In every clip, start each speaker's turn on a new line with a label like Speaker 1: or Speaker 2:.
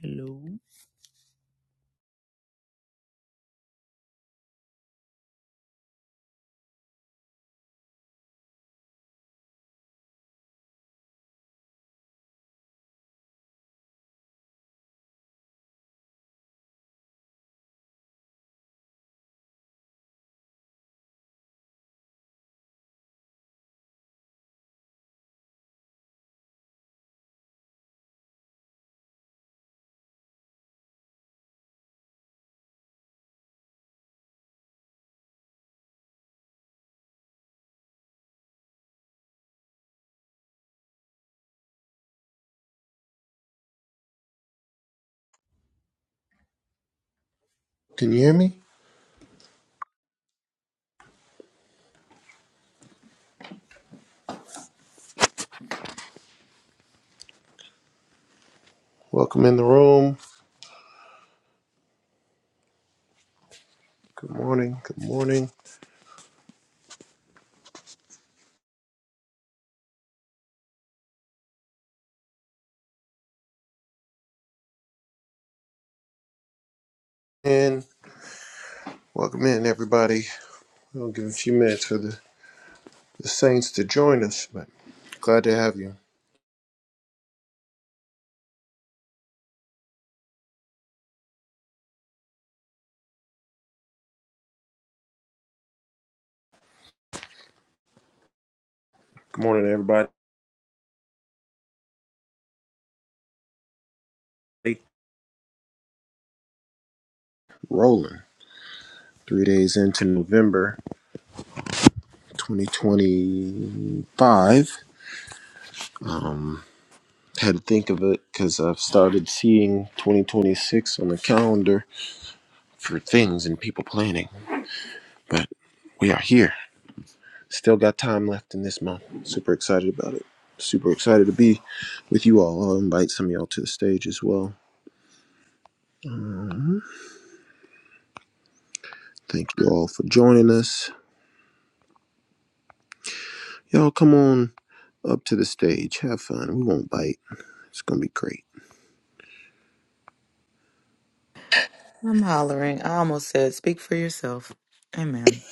Speaker 1: Hello.
Speaker 2: Can you hear me? Welcome in the room. Good morning. Good morning. And welcome in, everybody. We'll give a few minutes for the, the Saints to join us, but glad to have you. Good morning, everybody. Rolling. Three days into November 2025. Um, had to think of it because I've started seeing 2026 on the calendar for things and people planning, but we are here. Still got time left in this month. Super excited about it. Super excited to be with you all. I'll invite some of y'all to the stage as well. Thank you all for joining us. Y'all come on up to the stage. Have fun. We won't bite. It's gonna be great.
Speaker 1: I'm hollering. I almost said, speak for yourself. Amen.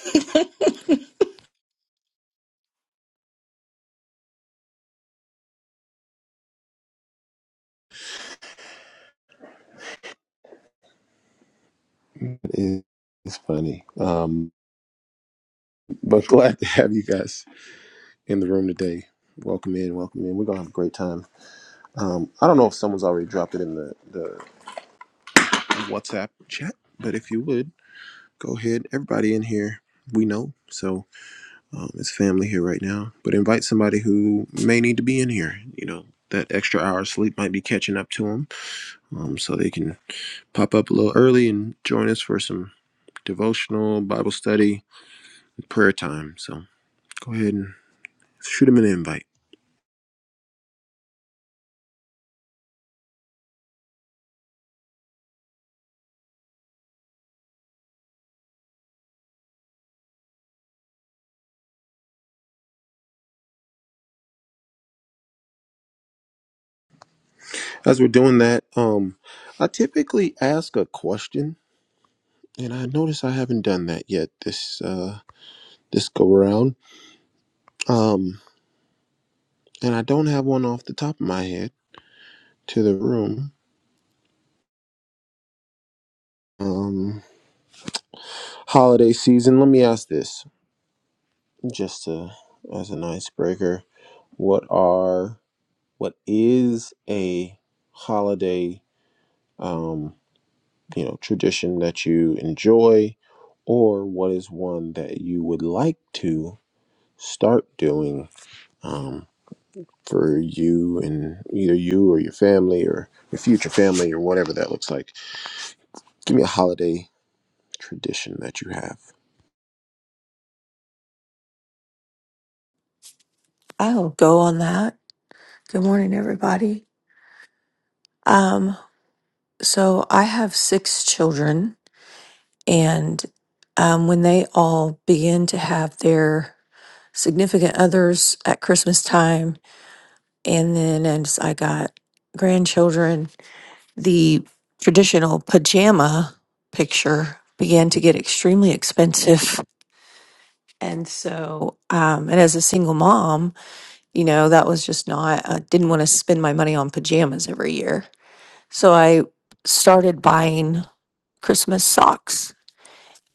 Speaker 2: It- It's funny. Um, but glad to have you guys in the room today. Welcome in, welcome in. We're gonna have a great time. Um, I don't know if someone's already dropped it in the, the WhatsApp chat, but if you would, go ahead. Everybody in here, we know. So um, his family here right now, but invite somebody who may need to be in here. You know, that extra hour of sleep might be catching up to them, um, so they can pop up a little early and join us for some devotional, Bible study, and prayer time. So go ahead and shoot them an invite. As we're doing that, um, I typically ask a question, and I notice I haven't done that yet this uh, this go around. Um, and I don't have one off the top of my head to the room. Um, holiday season. Let me ask this, just to, as an icebreaker, what are what is a holiday, um, you know, tradition that you enjoy, or what is one that you would like to start doing um, for you and either you or your family or your future family or whatever that looks like. Give me a holiday tradition that you have.
Speaker 3: I'll go on that. Good morning, everybody. Um, so I have six children, and um, when they all begin to have their significant others at Christmas time, and then as I got grandchildren, the traditional pajama picture began to get extremely expensive. And so, um, and as a single mom, you know, that was just not, I didn't want to spend my money on pajamas every year. So I started buying Christmas socks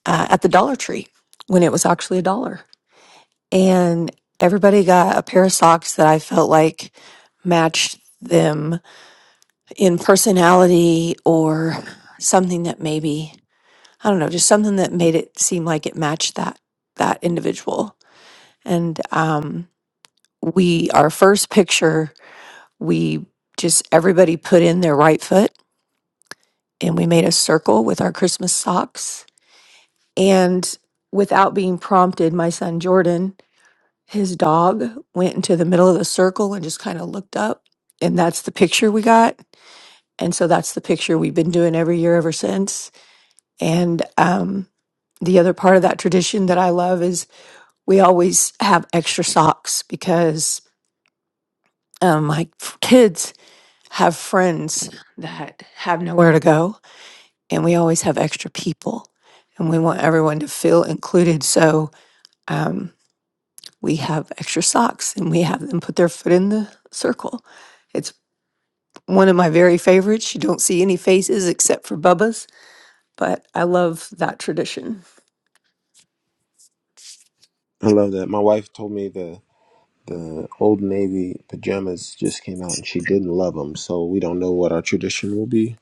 Speaker 3: uh, at the Dollar Tree when it was actually a dollar. And everybody got a pair of socks that I felt like matched them in personality or something that maybe, I don't know, just something that made it seem like it matched that that individual. And um, we, our first picture, we just everybody put in their right foot and we made a circle with our Christmas socks And without being prompted, my son Jordan, his dog, went into the middle of the circle and just kind of looked up. And that's the picture we got. And so that's the picture we've been doing every year ever since. And um, the other part of that tradition that I love is we always have extra socks because um, my f- kids have friends that have nowhere to go. And we always have extra people. And we want everyone to feel included. So, um, we have extra socks and we have them put their foot in the circle. It's one of my very favorites. You don't see any faces except for Bubba's, but I love that tradition.
Speaker 2: I love that. My wife told me the. The Old Navy pajamas just came out, and she didn't love them, so we don't know what our tradition will be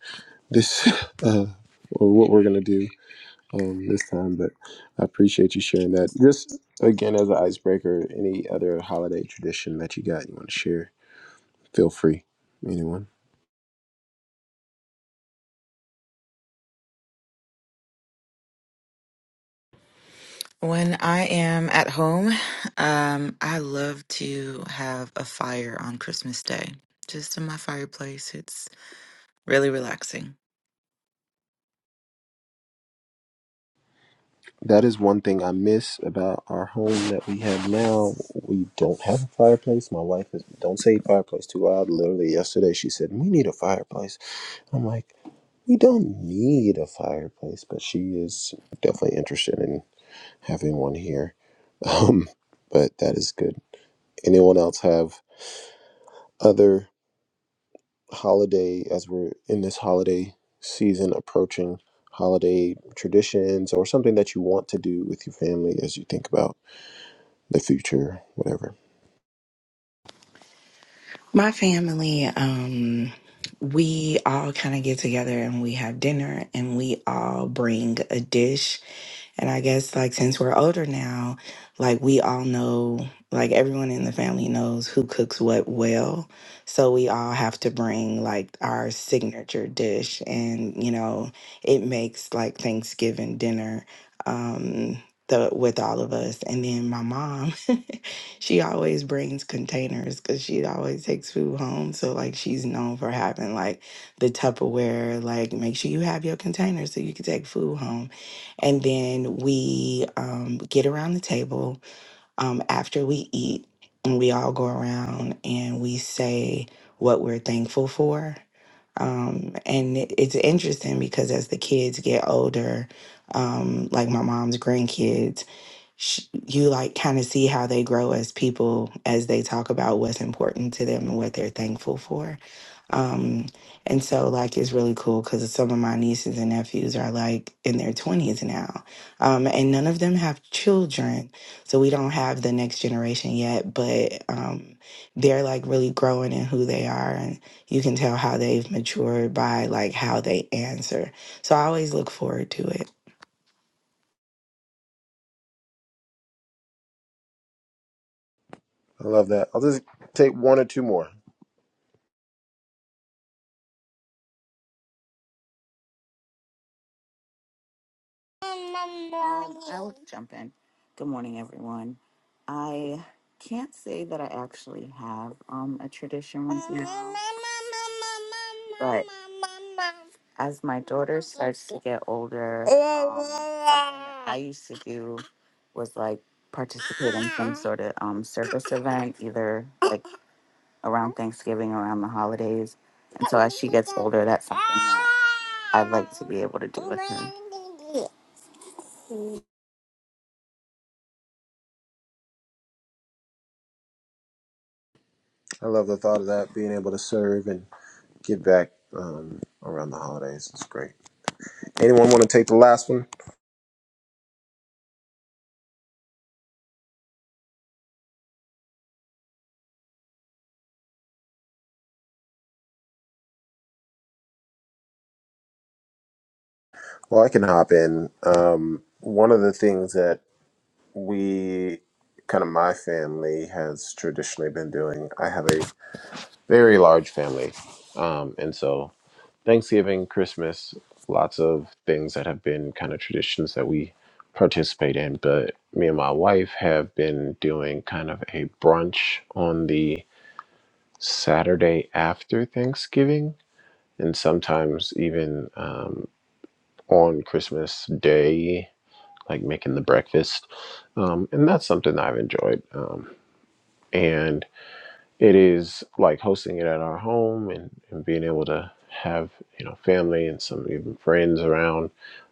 Speaker 2: this, uh, or what we're gonna do um, this time. But I appreciate you sharing that. Just again as an icebreaker, any other holiday tradition that you got you want to share, feel free. Anyone.
Speaker 1: When I am at home, um, I love to have a fire on Christmas Day, just in my fireplace. It's really relaxing.
Speaker 2: That is one thing I miss about our home that we have now. We don't have a fireplace. My wife is don't say fireplace too loud. Literally yesterday she said, We need a fireplace. I'm like, We don't need a fireplace, but she is definitely interested in having one here. Um, but that is good. Anyone else have other holiday, as we're in this holiday season approaching, holiday traditions or something that you want to do with your family as you think about the future, whatever?
Speaker 4: My family, um, we all kind of get together and we have dinner and we all bring a dish. And I guess, like, since we're older now, like, we all know, like, everyone in the family knows who cooks what well. So we all have to bring, like, our signature dish. And, you know, it makes, like, Thanksgiving dinner. Um, the, with all of us. And then my mom. She always brings containers because she always takes food home. So like she's known for having like the Tupperware, like make sure you have your containers so you can take food home. And then we um, get around the table um, after we eat, and we all go around and we say what we're thankful for. Um, and it, it's interesting because as the kids get older, um, like my mom's grandkids sh- you like kind of see how they grow as people as they talk about what's important to them and what they're thankful for. Um, and so, like, it's really cool because some of my nieces and nephews are like in their 20s now, um, and none of them have children. So, we don't have the next generation yet, but um, they're like really growing in who they are. And you can tell how they've matured by like how they answer. So, I always look forward to it.
Speaker 2: I love that. I'll just take one or two more.
Speaker 5: Um, I will jump in. Good morning, everyone. I can't say that I actually have um, a tradition right now, but as my daughter starts to get older, um, something that I used to do was like participate in some sort of um, circus event, either like around Thanksgiving, around the holidays. And so as she gets older, that's something that I'd like to be able to do with her.
Speaker 2: I love the thought of that, being able to serve and give back um, around the holidays. It's great. Anyone want to take the last one? Well, I can hop in. Um, one of the things that we, kind of my family, has traditionally been doing, I have a very large family. Um, and so Thanksgiving, Christmas, lots of things that have been kind of traditions that we participate in. But me and my wife have been doing kind of a brunch on the Saturday after Thanksgiving and sometimes even um, on Christmas Day like making the breakfast. Um, and that's something I've enjoyed. Um, and it is like hosting it at our home and, and being able to have, you know, family and some even friends around.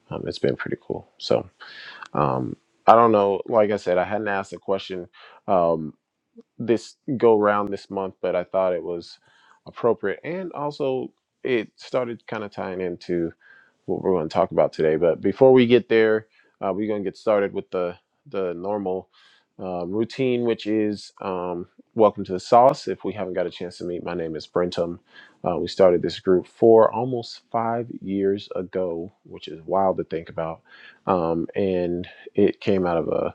Speaker 2: Um, it's been pretty cool. So um, I don't know. Like I said, I hadn't asked a question um, this go round this month, but I thought it was appropriate. And also, it started kind of tying into what we're going to talk about today. But before we get there, uh, we're going to get started with the the normal um, routine, which is um, welcome to the sauce. If we haven't got a chance to meet, my name is Brentum. Uh, we started this group for almost five years ago, which is wild to think about. Um, and it came out of a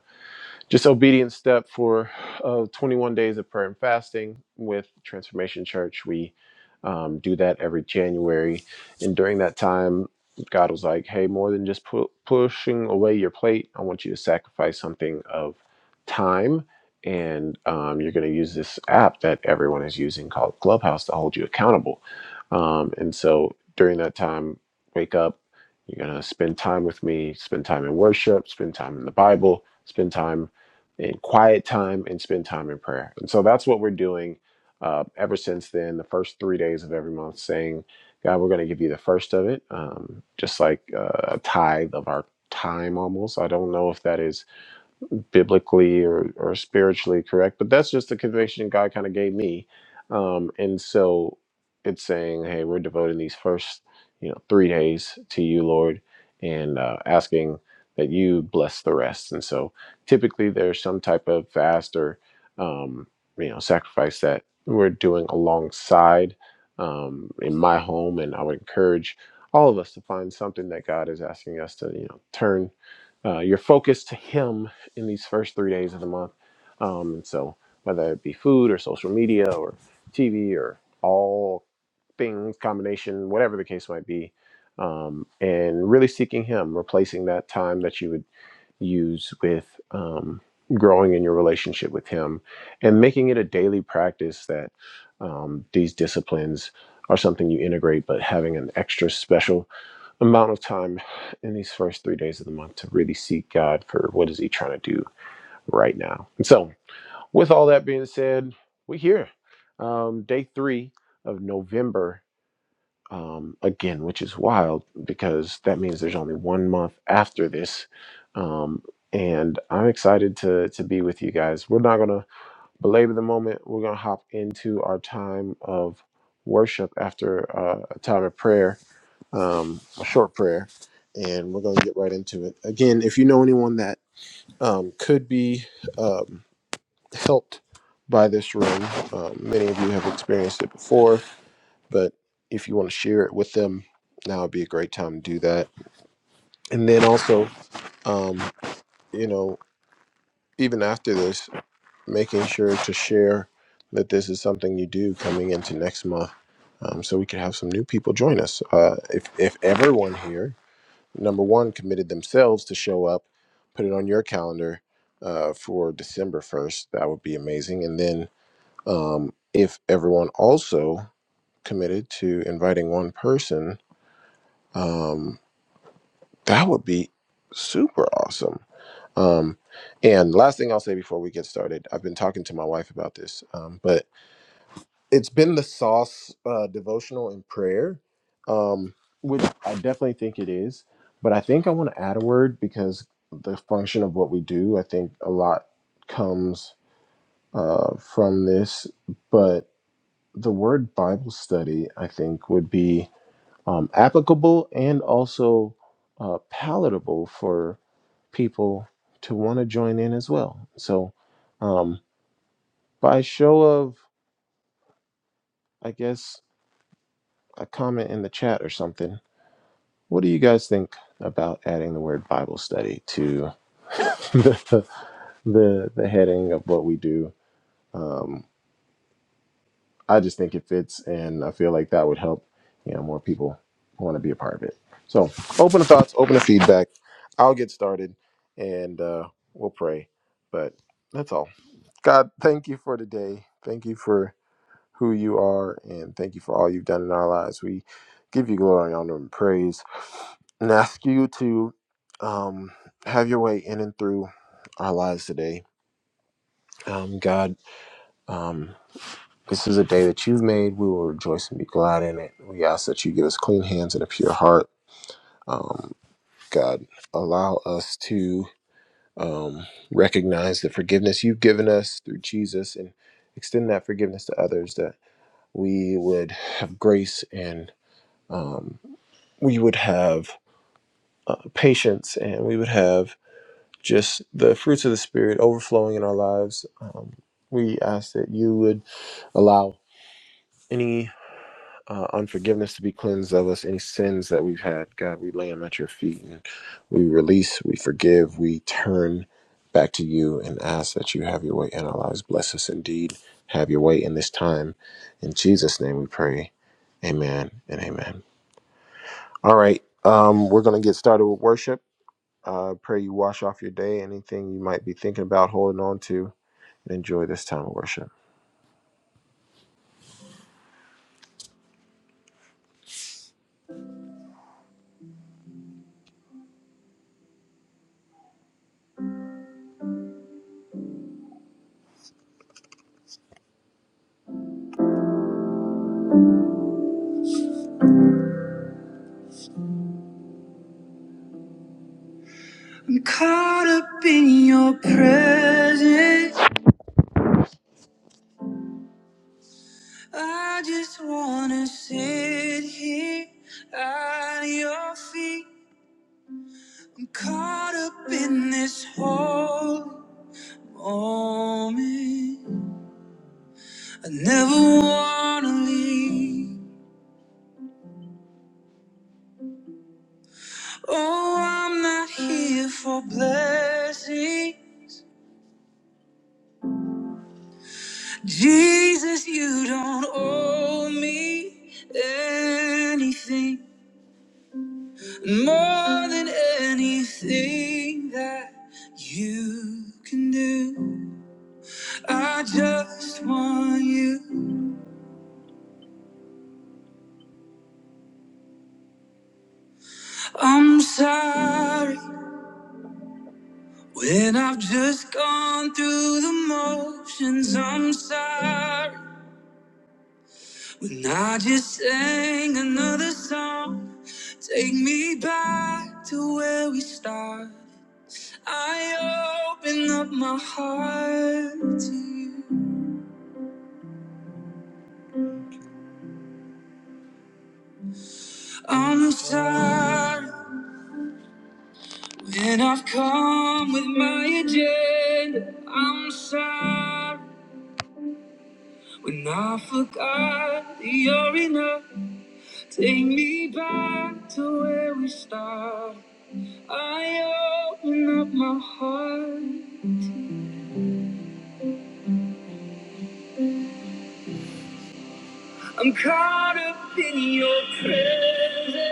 Speaker 2: just obedient step for uh, 21 days of prayer and fasting with Transformation Church. We um, do that every January. And during that time, God was like, hey, more than just pu- pushing away your plate, I want you to sacrifice something of time. And um, you're going to use this app that everyone is using called Clubhouse to hold you accountable. Um, and so during that time, wake up. You're going to spend time with me, spend time in worship, spend time in the Bible, spend time and quiet time and spend time in prayer. And so that's what we're doing uh, ever since then, the first three days of every month, saying, God, we're going to give you the first of it, um, just like uh, a tithe of our time almost. I don't know if that is biblically or, or spiritually correct, but that's just the conviction God kind of gave me. Um, and so it's saying, hey, we're devoting these first, you know, three days to you, Lord, and uh, asking that you bless the rest. And so typically there's some type of fast or, um, you know, sacrifice that we're doing alongside um, in my home. And I would encourage all of us to find something that God is asking us to, you know, turn uh, your focus to Him in these first three days of the month. Um, and so, whether it be food or social media or TV or all things, combination, whatever the case might be, um, and really seeking Him, replacing that time that you would use with um, growing in your relationship with Him and making it a daily practice that um, these disciplines are something you integrate, but having an extra special amount of time in these first three days of the month to really seek God for what is He trying to do right now. And so, with all that being said, we're here. Um, day three of November, um, again, which is wild because that means there's only one month after this. Um, and I'm excited to, to be with you guys. We're not going to belabor the moment. We're going to hop into our time of worship after uh, a time of prayer, um, a short prayer, and we're going to get right into it. Again, if you know anyone that um, could be. Um, helped by this room. Um, many of you have experienced it before, but if you want to share it with them, now would be a great time to do that. And then also, um, you know, even after this, making sure to share that this is something you do coming into next month, um, so we can have some new people join us. Uh, if if everyone here, number one, committed themselves to show up, put it on your calendar uh, for December first, that would be amazing. And then Um, if everyone also committed to inviting one person, um, that would be super awesome. Um, and last thing I'll say before we get started, I've been talking to my wife about this, um, but it's been the sauce uh, devotional and prayer, um, which I definitely think it is. But I think I want to add a word because the function of what we do, I think a lot comes uh, from this. But the word Bible study, I think, would be um, applicable and also uh, palatable for people to want to join in as well. So, um, by show of, I guess, a comment in the chat or something, what do you guys think about adding the word Bible study to the, the, the heading of what we do? Um, I just think it fits, and I feel like that would help, you know, more people want to be a part of it. So, open to thoughts, open to feedback. I'll get started, and uh, we'll pray. But that's all. God, thank you for today. Thank you for who you are, and thank you for all you've done in our lives. We give you glory, honor, and praise, and ask you to um, have your way in and through our lives today. Um, God, um, This is a day that you've made. We will rejoice and be glad in it. We ask that you give us clean hands and a pure heart. Um, God, allow us to um, recognize the forgiveness you've given us through Jesus and extend that forgiveness to others, that we would have grace and um, we would have uh, patience and we would have just the fruits of the Spirit overflowing in our lives. Um, we ask that you would allow any uh, unforgiveness to be cleansed of us, any sins that we've had. God, we lay them at your feet and we release, we forgive, we turn back to you and ask that you have your way in our lives. Bless us indeed. Have your way in this time. In Jesus' name we pray. Amen and amen. All right. Um, we're going to get started with worship. Uh, pray you wash off your day, anything you might be thinking about holding on to, and enjoy this time of worship. I'm caught up in your presence. I just wanna sit here at your feet. I'm caught up in this whole moment. I never wanna leave. Oh, I'm not here for blessing. Jesus, you don't owe me anything more than anything that you can do. I just want you. I'm sorry when I've just gone through the motions. I'm sorry when I just sang another song. Take me back to where we started. I open up my heart to you. I'm sorry when I've come with my agenda. I'm sorry. When I forgot you're enough, take me back to where we started. I open up my heart. I'm caught up in your presence.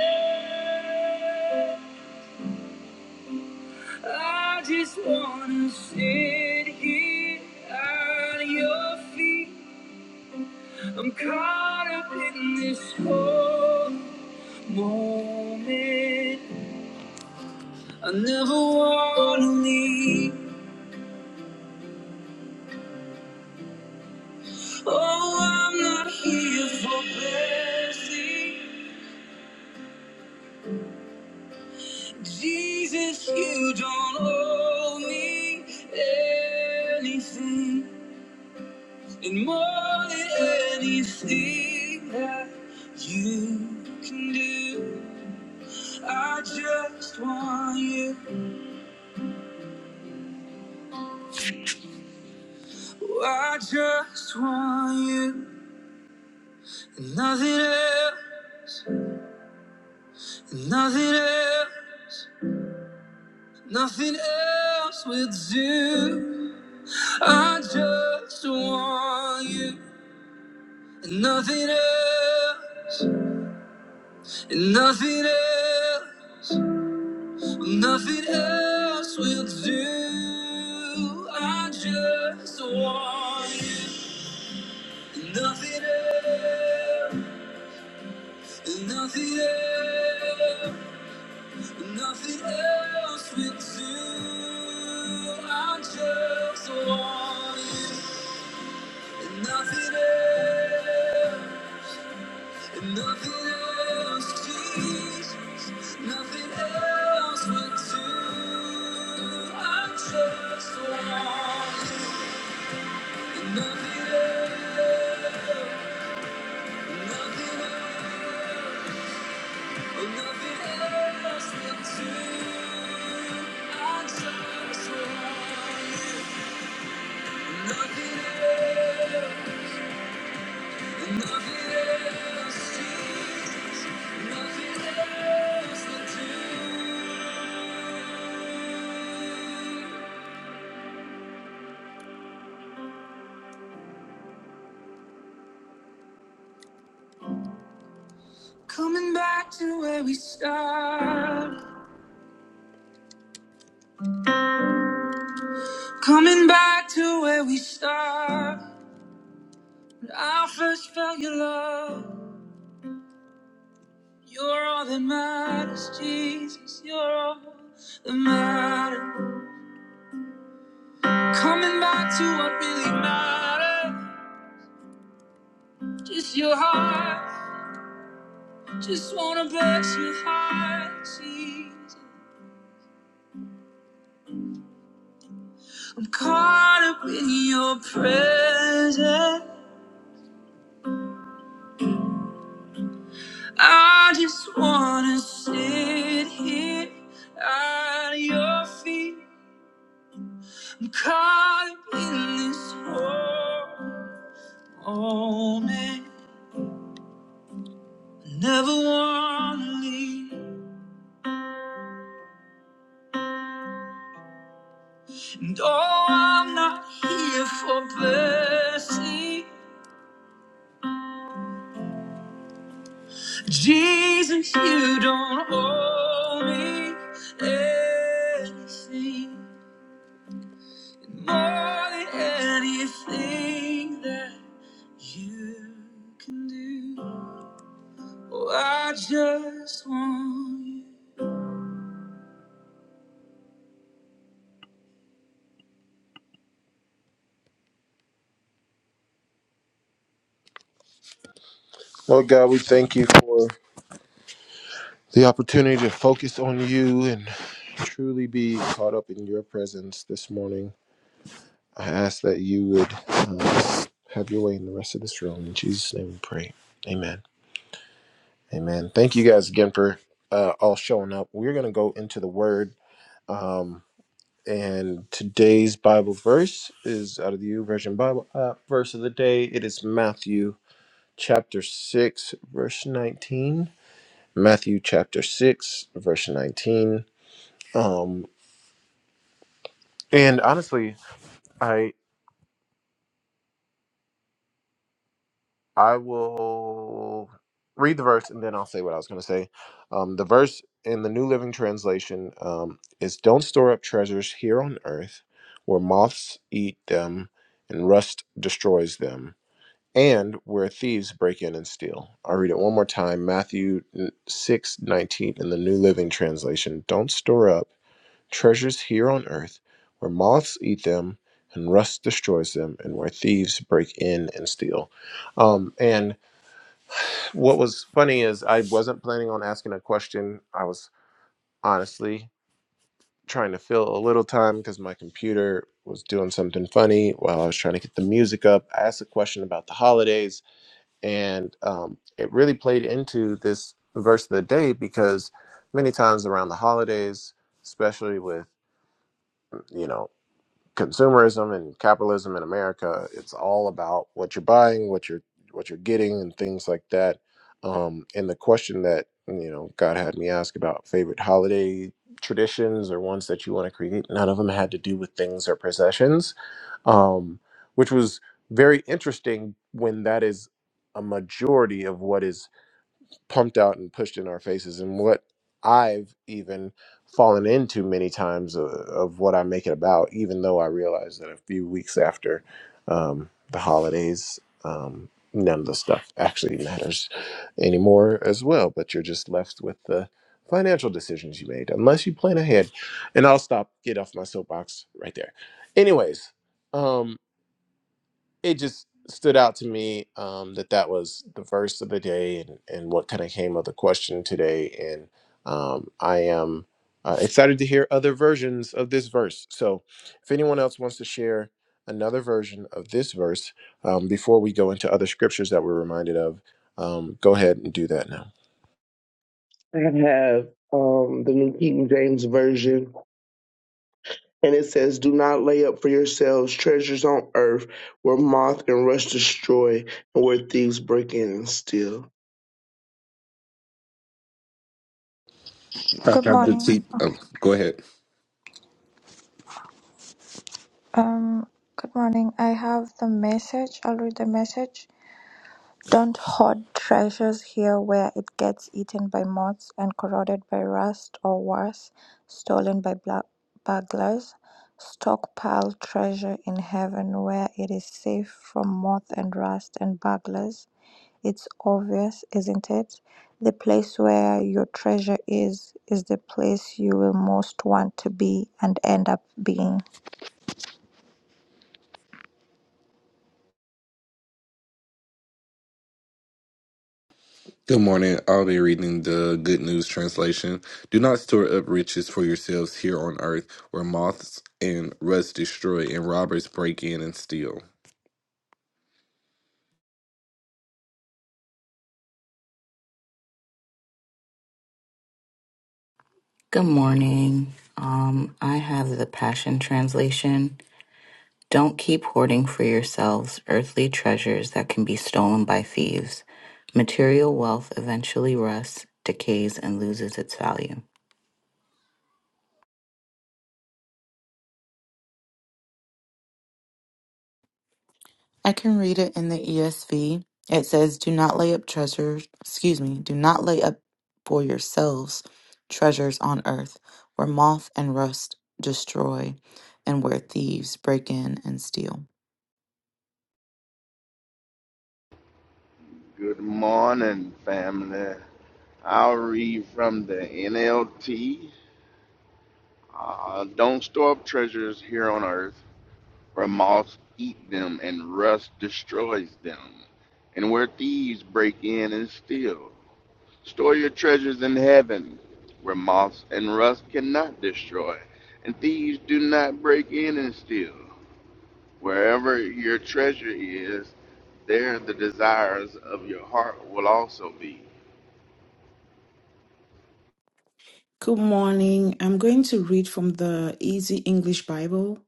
Speaker 2: I just wanna sit here at your feet. I'm caught up in this whole moment. I never wanna leave. Oh, I'm not here for blessing. Jesus, you don't owe me anything. And more than anything that you can do, I just want you. Oh, I just want you. nothing else, nothing else, nothing else will do. I just want you and nothing else, and nothing else, nothing else will do. I just want you and nothing else, and nothing else, and nothing else will do. I just want you and nothing else. Nothing else, Jesus, nothing else would do. I just want you. Nothing else, nothing else, nothing else would do. I just want you. Nothing else. Coming back to where we started. Coming back to where we started. When I first felt your love. You're all that matters, Jesus. You're all that matters. Coming back to what really matters. Just your heart. Just wanna bless your heart, Jesus. I'm caught up in your presence. I just wanna sit here at your feet. I'm caught up in this moment. I Never wanna leave. And oh, I'm not here for blessing. Jesus, you don't owe me anything more than anything that you can do. Oh, I just want you. Lord God, we thank you for the opportunity to focus on you and truly be caught up in your presence this morning. I ask that you would uh, have your way in the rest of this room. In Jesus' name we pray. Amen. Amen. Thank you guys again for uh, all showing up. We're going to go into the Word. Um, and today's Bible verse is out of the U Version Bible uh, verse of the day. It is Matthew chapter 6, verse 19. Matthew chapter 6, verse 19. Um, and honestly, I will read the verse and then I'll say what I was going to say. Um, the verse in the New Living Translation um, is Don't store up treasures here on earth where moths eat them and rust destroys them, and where thieves break in and steal. I'll read it one more time Matthew six nineteen in the New Living Translation. Don't store up treasures here on earth where moths eat them and rust destroys them, and where thieves break in and steal. Um, and what was funny is I wasn't planning on asking a question. I was honestly trying to fill a little time because my computer was doing something funny while I was trying to get the music up. I asked a question about the holidays, and um, it really played into this verse of the day because many times around the holidays, especially with you know consumerism and capitalism in America, it's all about what you're buying, what you're what you're getting, and things like that. Um, and the question that you know God had me ask about favorite holiday traditions or ones that you want to create, none of them had to do with things or possessions, um, which was very interesting when that is a majority of what is pumped out and pushed in our faces and what i've even fallen into many times of, of what i make it about even though i realize that a few weeks after um, the holidays um, none of the stuff actually matters anymore as well but you're just left with the financial decisions you made unless you plan ahead and i'll stop get off my soapbox right there anyways um, it just stood out to me um, that that was the verse of the day and, and what kind of came of the question today. And um, I am uh, excited to hear other versions of this verse. So if anyone else wants to share another version of this verse um, before we go into other scriptures that we're reminded of, um, go ahead and do that now.
Speaker 6: I have um, the New King James Version, and it says, Do not lay up for yourselves treasures on earth where moth and rust destroy and where thieves break in and steal.
Speaker 7: I
Speaker 8: Good
Speaker 7: have the
Speaker 8: morning.
Speaker 7: seat. Um, go ahead.
Speaker 8: Um, good morning. I have the message. I'll read the message. Don't hoard treasures here where it gets eaten by moths and corroded by rust or worse, stolen by bla- burglars. Stockpile treasure in heaven where it is safe from moth and rust and burglars. It's obvious, isn't it? The place where your treasure is, is the place you will most want to be and end up being.
Speaker 7: Good morning. I'll be reading the Good News translation. Do not store up riches for yourselves here on earth, where moths and rust destroy, and robbers break in and steal.
Speaker 5: Good morning. Um, I have the Passion Translation. Don't keep hoarding for yourselves earthly treasures that can be stolen by thieves. Material wealth eventually rusts, decays, and loses its value.
Speaker 1: I can read it in the ESV. It says, Do not lay up treasures, excuse me, do not lay up for yourselves treasures on earth where moth and rust destroy and where thieves break in and steal.
Speaker 9: Good morning, family. I'll read from the NLT. Uh, Don't store up treasures here on earth, where moths eat them and rust destroys them, and where thieves break in and steal. Store your treasures in heaven, where moths and rust cannot destroy, and thieves do not break in and steal. Wherever your treasure is, there the desires of your heart will also be.
Speaker 10: Good morning. I'm going to read from the Easy English Bible.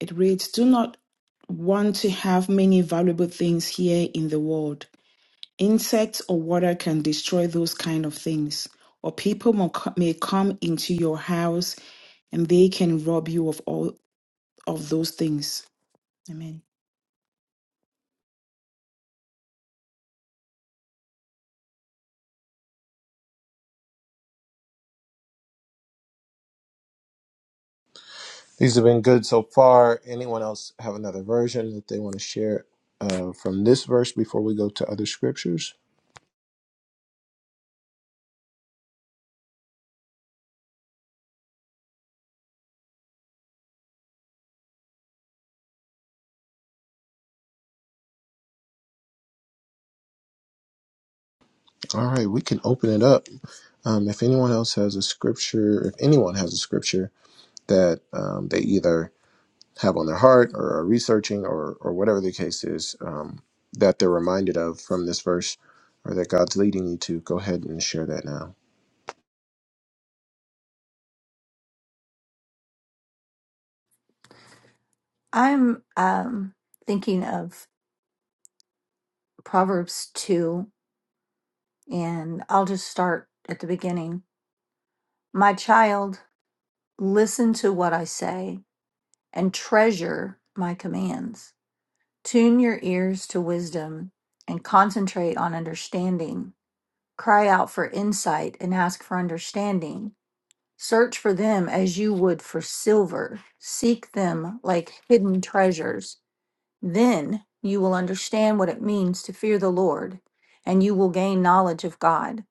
Speaker 10: It reads Do not want to have many valuable things here in the world. Insects or water can destroy those kind of things. Or people mo- may come into your house and they can rob you of all of those things. Amen.
Speaker 2: These have been good so far. Anyone else have another version that they want to share uh, from this verse before we go to other scriptures? All right, we can open it up. Um, if anyone else has a scripture, if anyone has a scripture that um, they either have on their heart or are researching or, or whatever the case is um, that they're reminded of from this verse or that God's leading you to, go ahead and share that now.
Speaker 3: I'm um, thinking of Proverbs 2, and I'll just start at the beginning. My child, listen to what I say and treasure my commands. Tune your ears to wisdom and concentrate on understanding. Cry out for insight and ask for understanding. Search for them as you would for silver. Seek them like hidden treasures. Then you will understand what it means to fear the Lord, and you will gain knowledge of God.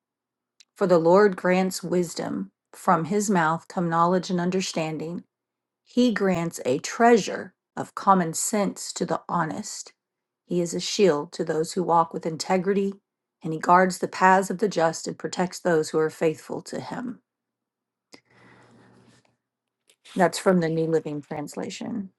Speaker 3: For the Lord grants wisdom. From his mouth come knowledge and understanding. He grants a treasure of common sense to the honest. He is a shield to those who walk with integrity, and he guards the paths of the just and protects those who are faithful to him. That's from the New Living Translation.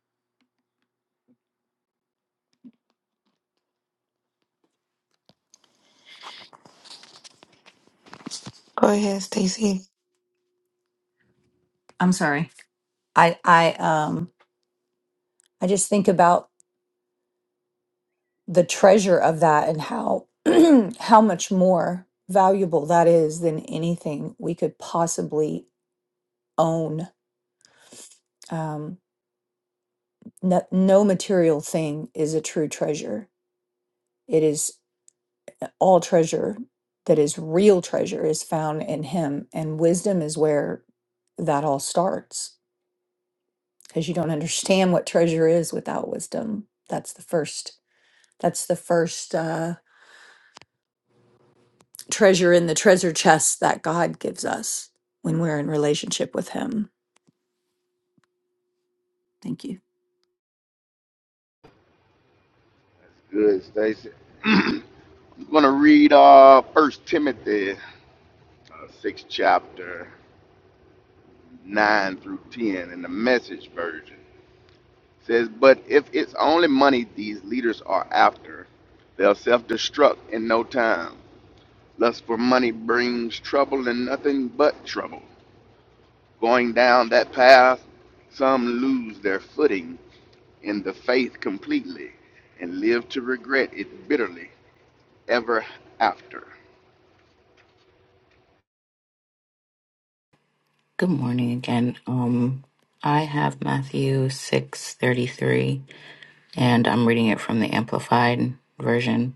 Speaker 4: Go ahead, Stacey.
Speaker 3: I'm sorry. I I um I just think about the treasure of that and how how much more valuable that is than anything we could possibly own. Um, no, no material thing is a true treasure It is all treasure that is real treasure is found in Him. And wisdom is where that all starts because you don't understand what treasure is without wisdom. That's the first, that's the first uh, treasure in the treasure chest that God gives us when we're in relationship with Him. Thank you.
Speaker 9: Good, Stacy. I'm gonna read uh First Timothy, uh, six chapter nine through ten in the Message version. It says, but if it's only money these leaders are after, they'll self-destruct in no time. Lust for money brings trouble and nothing but trouble. Going down that path, some lose their footing in the faith completely and live to regret it bitterly ever after.
Speaker 5: Good morning again. Um, I have Matthew six thirty three, and I'm reading it from the Amplified version.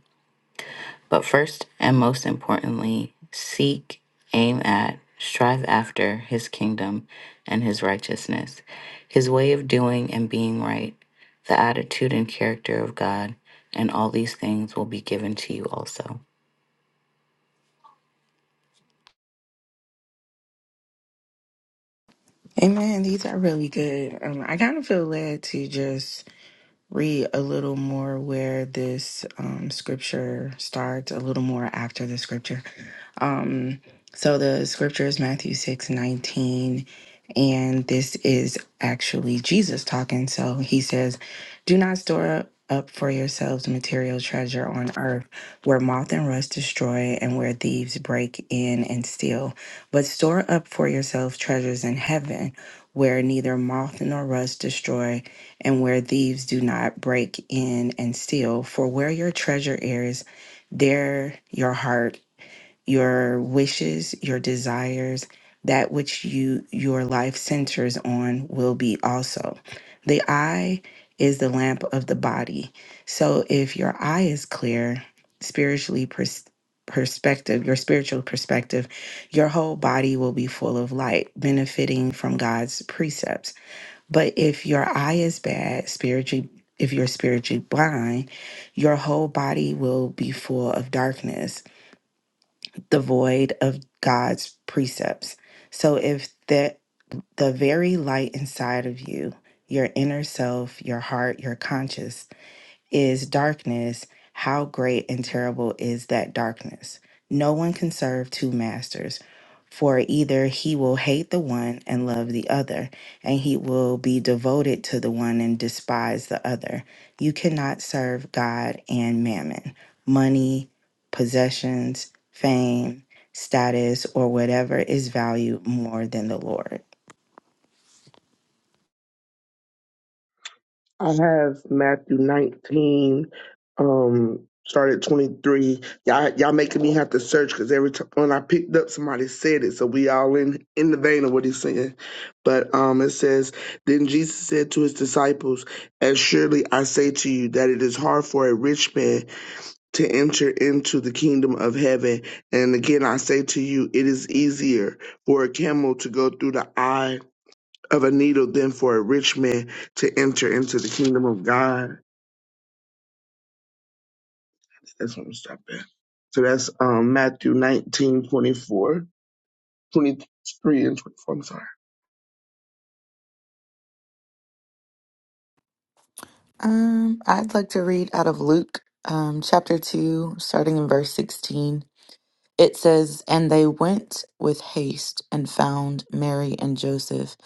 Speaker 5: But first and most importantly, seek, aim at, strive after his kingdom and his righteousness, his way of doing and being right, the attitude and character of God, and all these things will be given to you also.
Speaker 4: Amen. These are really good. Um, I kind of feel led to just read a little more where this um, scripture starts, a little more after the scripture. Um, so the scripture is Matthew six nineteen, and this is actually Jesus talking. So he says, Do not store up for yourselves material treasure on earth where moth and rust destroy and where thieves break in and steal, but store up for yourselves treasures in heaven where neither moth nor rust destroy and where thieves do not break in and steal. For where your treasure is, there your heart your wishes, your desires, that which you your life centers on will be also. The eye is the lamp of the body. So if your eye is clear, spiritually pers- perspective, your spiritual perspective, your whole body will be full of light, benefiting from God's precepts. But if your eye is bad, spiritually if you're spiritually blind, your whole body will be full of darkness devoid of God's precepts. So if the the very light inside of you, your inner self, your heart, your conscience is darkness, how great and terrible is that darkness? No one can serve two masters, for either he will hate the one and love the other, and he will be devoted to the one and despise the other. You cannot serve God and mammon, money, possessions, fame, status, or whatever is valued more than the Lord.
Speaker 6: I have Matthew 19, um, start at 23. Y'all, y'all making me have to search because every time when I picked up, somebody said it. So we all in, in the vein of what he's saying. But um, it says, Then Jesus said to his disciples, 'As surely I say to you that it is hard for a rich man to enter into the kingdom of heaven. And again, I say to you, it is easier for a camel to go through the eye of a needle than for a rich man to enter into the kingdom of God. That's what I'm stopping. at. So that's um, Matthew 19 24, 23, and 24. I'm sorry.
Speaker 1: Um, I'd like to read out of Luke, um, chapter 2, starting in verse 16. It says, And they went with haste and found Mary and Joseph,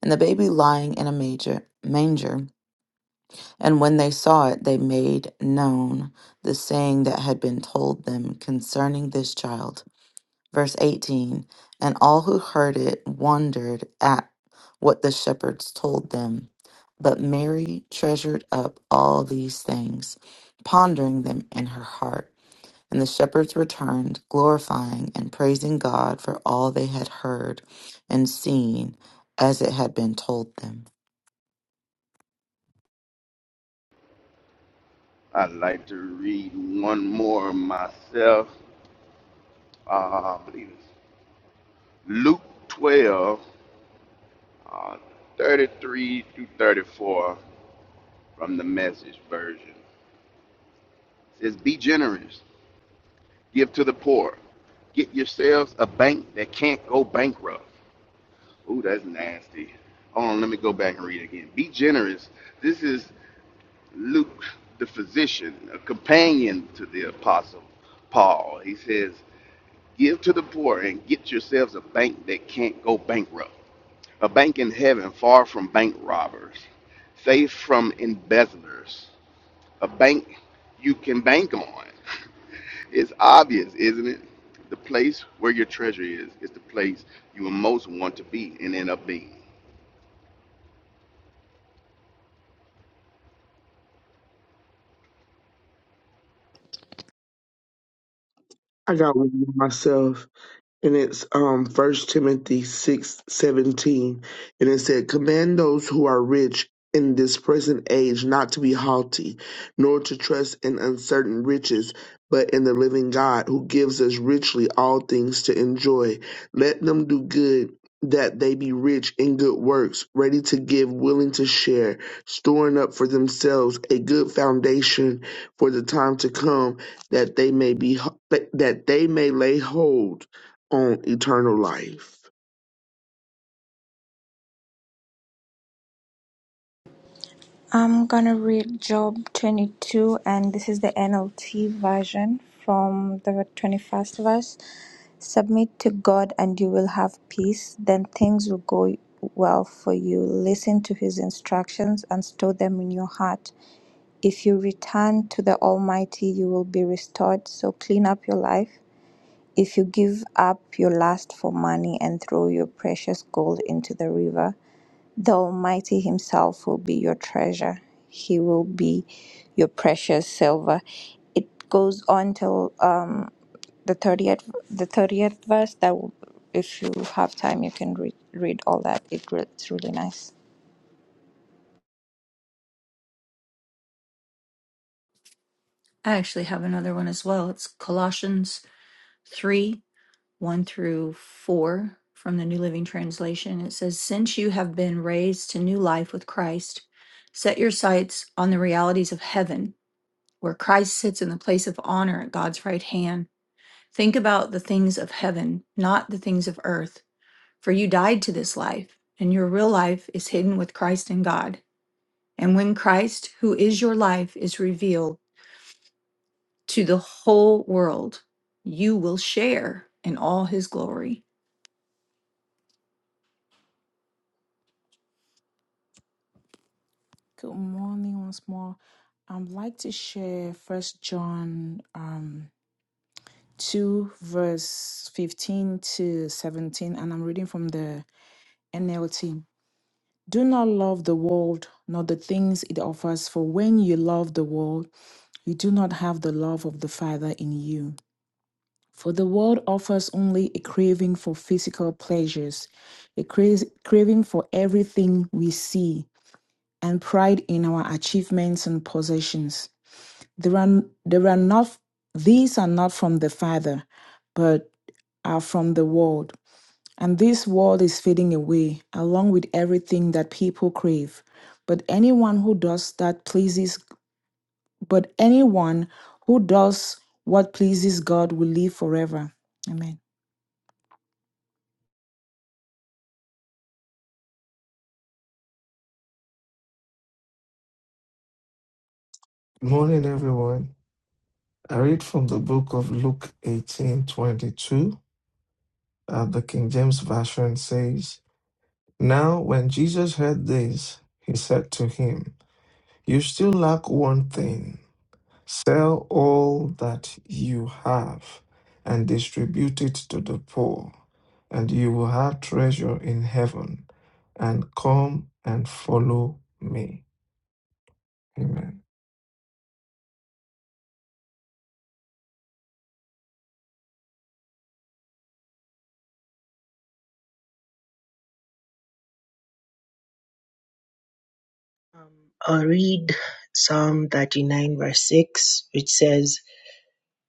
Speaker 1: and the baby lying in a major, manger. And when they saw it, they made known the saying that had been told them concerning this child. Verse 18 And all who heard it wondered at what the shepherds told them. But Mary treasured up all these things, pondering them in her heart. And the shepherds returned, glorifying and praising God for all they had heard and seen as it had been told them.
Speaker 9: I'd like to read one more myself. Uh, I believe it's Luke 12, uh, 33 through 34 from the message version. It says, Be generous, give to the poor, get yourselves a bank that can't go bankrupt. Ooh, that's nasty. Hold on, let me go back and read it again. Be generous. This is Luke, the physician, a companion to the apostle Paul. He says, Give to the poor and get yourselves a bank that can't go bankrupt, a bank in heaven far from bank robbers, safe from embezzlers, a bank you can bank on. It's obvious, isn't it? The place where your treasure is is the place you will most want to be and end up being.
Speaker 6: I got one myself. and it's um First Timothy six seventeen, and it said, "Command those who are rich in this present age not to be haughty, nor to trust in uncertain riches, but in the living God who gives us richly all things to enjoy. Let them do good." That they be rich in good works, ready to give, willing to share, storing up for themselves a good foundation for the time to come, that they may be that they may lay hold on eternal life.
Speaker 8: I'm gonna read Job 22, and this is the NLT version from the 21st verse. Submit to God, and you will have peace. Then things will go well for you. Listen to his instructions and store them in your heart. If you return to the Almighty, you will be restored. So clean up your life. If you give up your lust for money and throw your precious gold into the river, the Almighty Himself will be your treasure. He will be your precious silver. It goes on till um, the thirtieth, the thirtieth verse. That, will, if you have time, you can read read all that. It, re- it's really nice.
Speaker 3: I actually have another one as well. It's Colossians three. 1 through 4 from the New Living Translation. It says, Since you have been raised to new life with Christ, set your sights on the realities of heaven, where Christ sits in the place of honor at God's right hand. Think about the things of heaven, not the things of earth, for you died to this life, and your real life is hidden with Christ in God. And when Christ, who is your life, is revealed to the whole world, you will share in all his glory.
Speaker 10: Good morning once more. I'd like to share First John um, 2, verse 15 to 17, and I'm reading from the NLT. Do not love the world, nor the things it offers, for when you love the world, you do not have the love of the Father in you. For the world offers only a craving for physical pleasures, a cra- craving for everything we see, and pride in our achievements and possessions. There are, there are not, these are not from the Father, but are from the world. And this world is fading away, along with everything that people crave. But anyone who does that pleases, but anyone who does what pleases God will live forever. Amen.
Speaker 11: Morning, everyone. I read from the book of Luke 18:22. Uh, the King James Version says, Now when Jesus heard this, he said to him, 'You still lack one thing. Sell all that you have and distribute it to the poor, and you will have treasure in heaven. And come and follow me. Amen.
Speaker 12: Um, I'll read Psalm 39, verse 6, which says,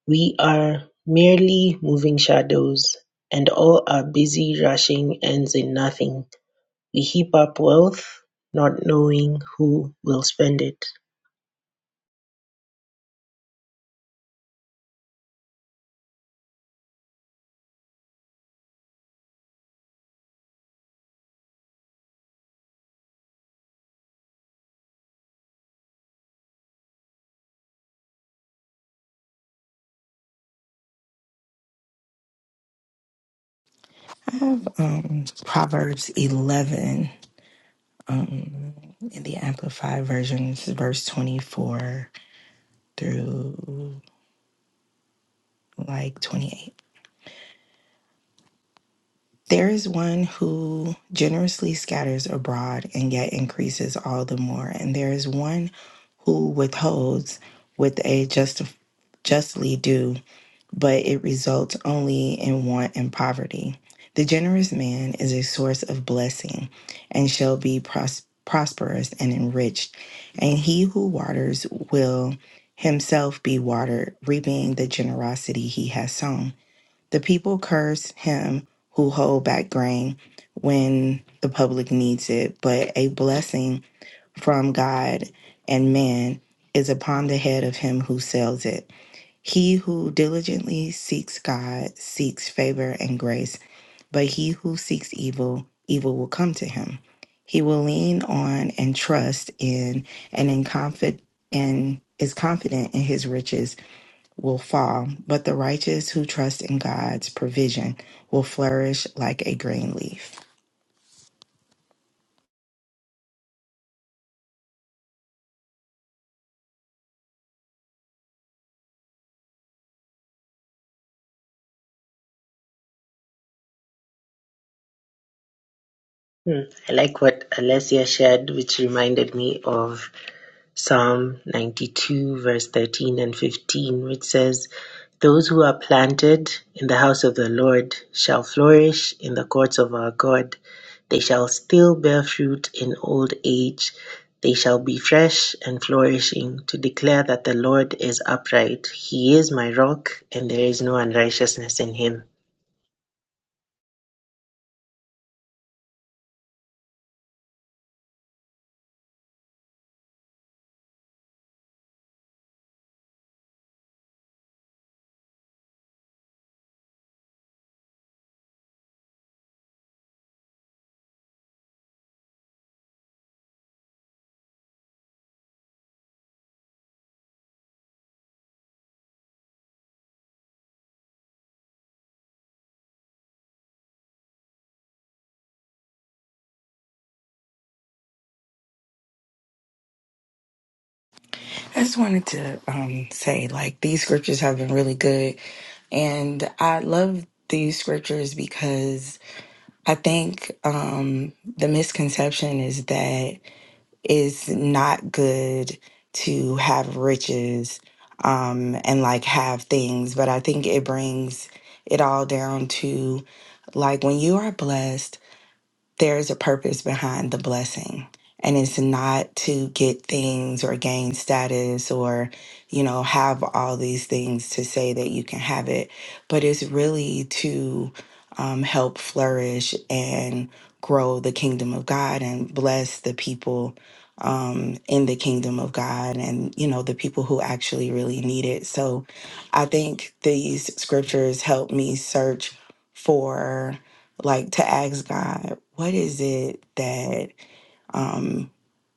Speaker 12: We are merely moving shadows, and all our busy rushing ends in nothing. We heap up wealth, not knowing who will spend it.
Speaker 4: I have um, Proverbs 11. Um, in the Amplified Version, this is verse 24 through like 28. There is one who generously scatters abroad and yet increases all the more. And there is one who withholds with a just, justly due but it results only in want and poverty. The generous man is a source of blessing and shall be pros- prosperous and enriched. And he who waters will himself be watered, reaping the generosity he has sown. The people curse him who hold back grain when the public needs it, but a blessing from God and man is upon the head of him who sells it. He who diligently seeks God seeks favor and grace, but he who seeks evil, evil will come to him. He will lean on and trust in and in confid and is confident in his riches will fall, but the righteous who trust in God's provision will flourish like a green leaf.
Speaker 12: Hmm, I like what Alessia shared, which reminded me of Psalm 92, verse 13 and 15, which says, Those who are planted in the house of the Lord shall flourish in the courts of our God. They shall still bear fruit in old age. They shall be fresh and flourishing to declare that the Lord is upright. He is my rock, and there is no unrighteousness in him.
Speaker 4: I just wanted to um, say, like, these scriptures have been really good. And I love these scriptures because I think um, the misconception is that it's not good to have riches um, and like have things, but I think it brings it all down to like when you are blessed there is a purpose behind the blessing and it's not to get things or gain status or you know have all these things to say that you can have it but it's really to um, help flourish and grow the kingdom of god and bless the people um, in the kingdom of god and you know the people who actually really need it so i think these scriptures help me search for like to ask God, what is it that um,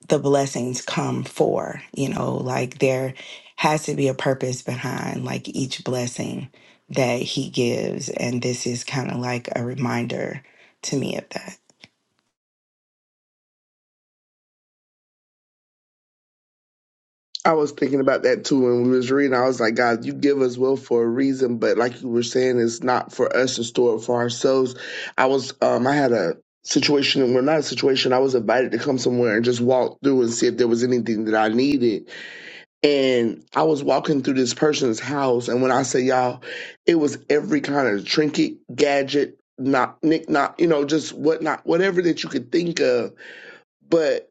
Speaker 4: the blessings come for? You know, like there has to be a purpose behind like each blessing that He gives, and this is kind of like a reminder to me of that.
Speaker 6: I was thinking about that too when we was reading. I was like, God, you give us will for a reason, but like you were saying, it's not for us to store it for ourselves. I was um I had a situation well not a situation, I was invited to come somewhere and just walk through and see if there was anything that I needed. And I was walking through this person's house and when I say y'all, it was every kind of trinket, gadget, not knick not you know, just whatnot, whatever that you could think of. But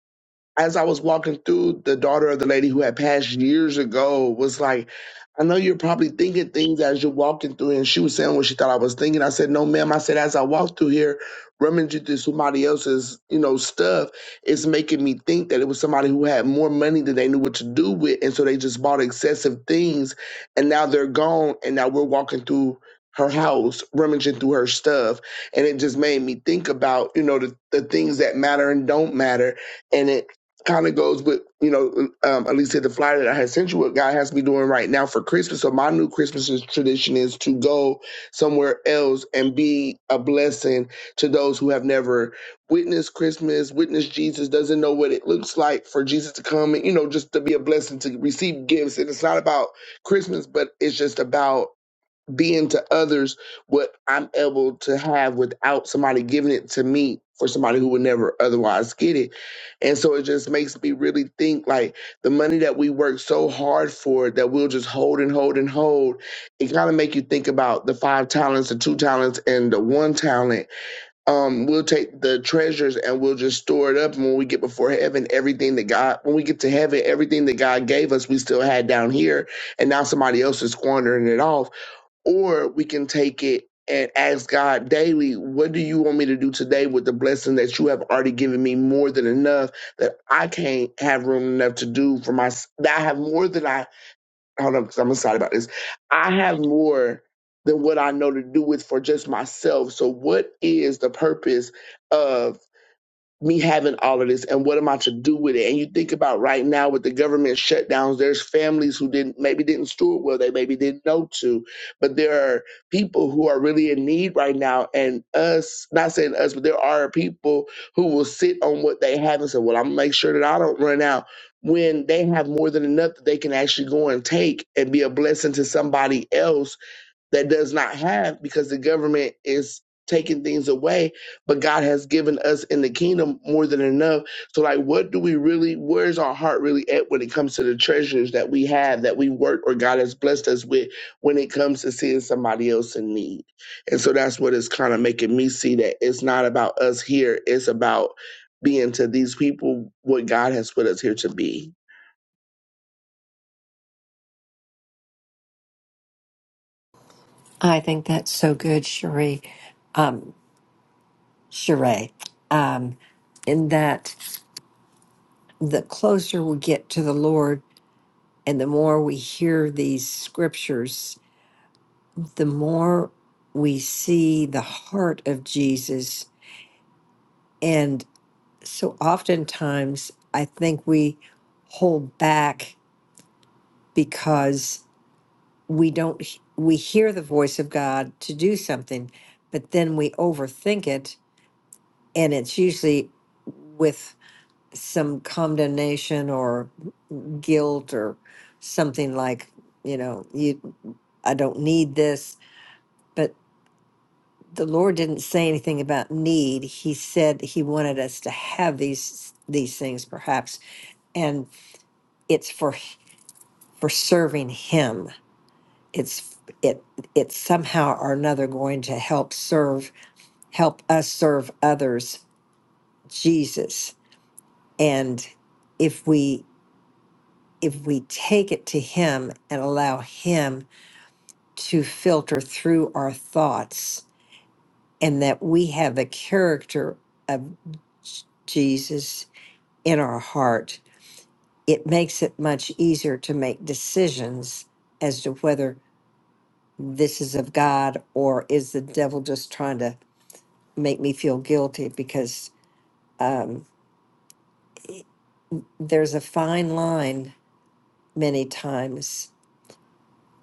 Speaker 6: as I was walking through, the daughter of the lady who had passed years ago was like, I know you're probably thinking things as you're walking through. And she was saying what she thought I was thinking. I said, No, ma'am. I said, As I walk through here, rummaging through somebody else's, you know, stuff, it's making me think that it was somebody who had more money than they knew what to do with. And so they just bought excessive things. And now they're gone. And now we're walking through her house, rummaging through her stuff. And it just made me think about, you know, the, the things that matter and don't matter. and it." kind of goes with you know um, at least at the flyer that I had sent you what God has me doing right now for Christmas. So my new Christmas is- tradition is to go somewhere else and be a blessing to those who have never witnessed Christmas, witnessed Jesus, doesn't know what it looks like for Jesus to come and you know just to be a blessing to receive gifts. And it's not about Christmas, but it's just about being to others what I'm able to have without somebody giving it to me for somebody who would never otherwise get it. And so it just makes me really think like the money that we work so hard for that we'll just hold and hold and hold. It kind of make you think about the five talents, the two talents and the one talent. Um we'll take the treasures and we'll just store it up and when we get before heaven everything that God when we get to heaven everything that God gave us we still had down here and now somebody else is squandering it off or we can take it and ask God daily, what do you want me to do today with the blessing that you have already given me more than enough that I can't have room enough to do for my that I have more than I hold on because I'm excited about this. I have more than what I know to do with for just myself. So what is the purpose of me having all of this and what am I to do with it? And you think about right now with the government shutdowns, there's families who didn't maybe didn't steward well, they maybe didn't know to, but there are people who are really in need right now. And us, not saying us, but there are people who will sit on what they have and say, Well, I'm gonna make sure that I don't run out when they have more than enough that they can actually go and take and be a blessing to somebody else that does not have because the government is taking things away but god has given us in the kingdom more than enough so like what do we really where's our heart really at when it comes to the treasures that we have that we work or god has blessed us with when it comes to seeing somebody else in need and so that's what is kind of making me see that it's not about us here it's about being to these people what god has put us here to be
Speaker 13: I think that's so good, Cherie. Um, Sheree, um, in that the closer we get to the Lord and the more we hear these scriptures, the more we see the heart of Jesus. And so oftentimes, I think we hold back because we don't, we hear the voice of God to do something, but then we overthink it. And it's usually with some condemnation or guilt or something like, you know, you I don't need this, but the Lord didn't say anything about need. He said he wanted us to have these these things perhaps and it's for for serving him. It's it it's somehow or another going to help serve help us serve others Jesus. And if we if we take it to him and allow him to filter through our thoughts and that we have the character of Jesus in our heart, it makes it much easier to make decisions as to whether this is of God or is the devil just trying to make me feel guilty because um, there's a fine line many times.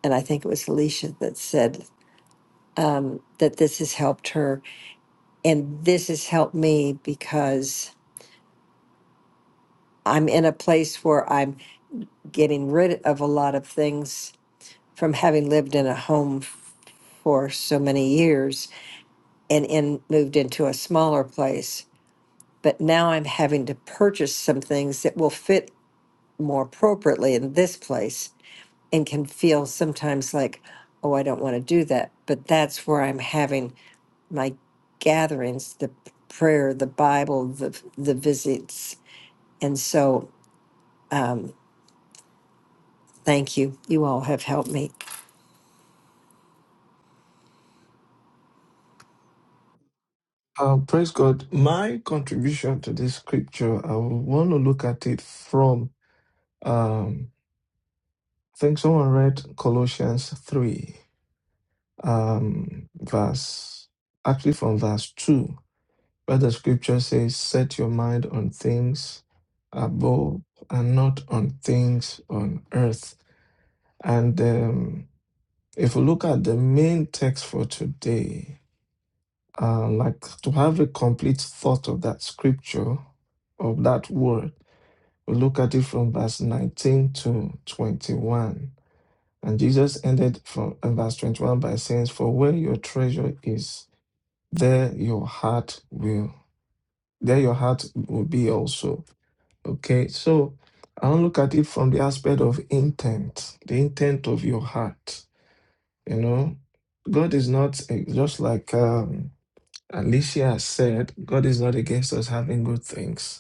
Speaker 13: And I think it was Alicia that said um, that this has helped her. And this has helped me because I'm in a place where I'm getting rid of a lot of things from having lived in a home f- for so many years and in moved into a smaller place. But now I'm having to purchase some things that will fit more appropriately in this place and can feel sometimes like, oh, I don't want to do that. But that's where I'm having my gatherings, the prayer, the Bible, the the visits. And so um, thank you. You all have helped me.
Speaker 11: Uh, praise God. My contribution to this scripture, I want to look at it from, um, I think someone read Colossians 3, um, verse, actually from verse 2, where the scripture says, Set your mind on things above and not on things on earth. And um, if we look at the main text for today, uh, like to have a complete thought of that scripture, of that word. We look at it from verse 19 to 21. And Jesus ended from uh, verse 21 by saying, For where your treasure is, there your heart will, there your heart will be also. Okay, so I want to look at it from the aspect of intent, the intent of your heart. You know, God is not eh, just like um, Alicia said, God is not against us having good things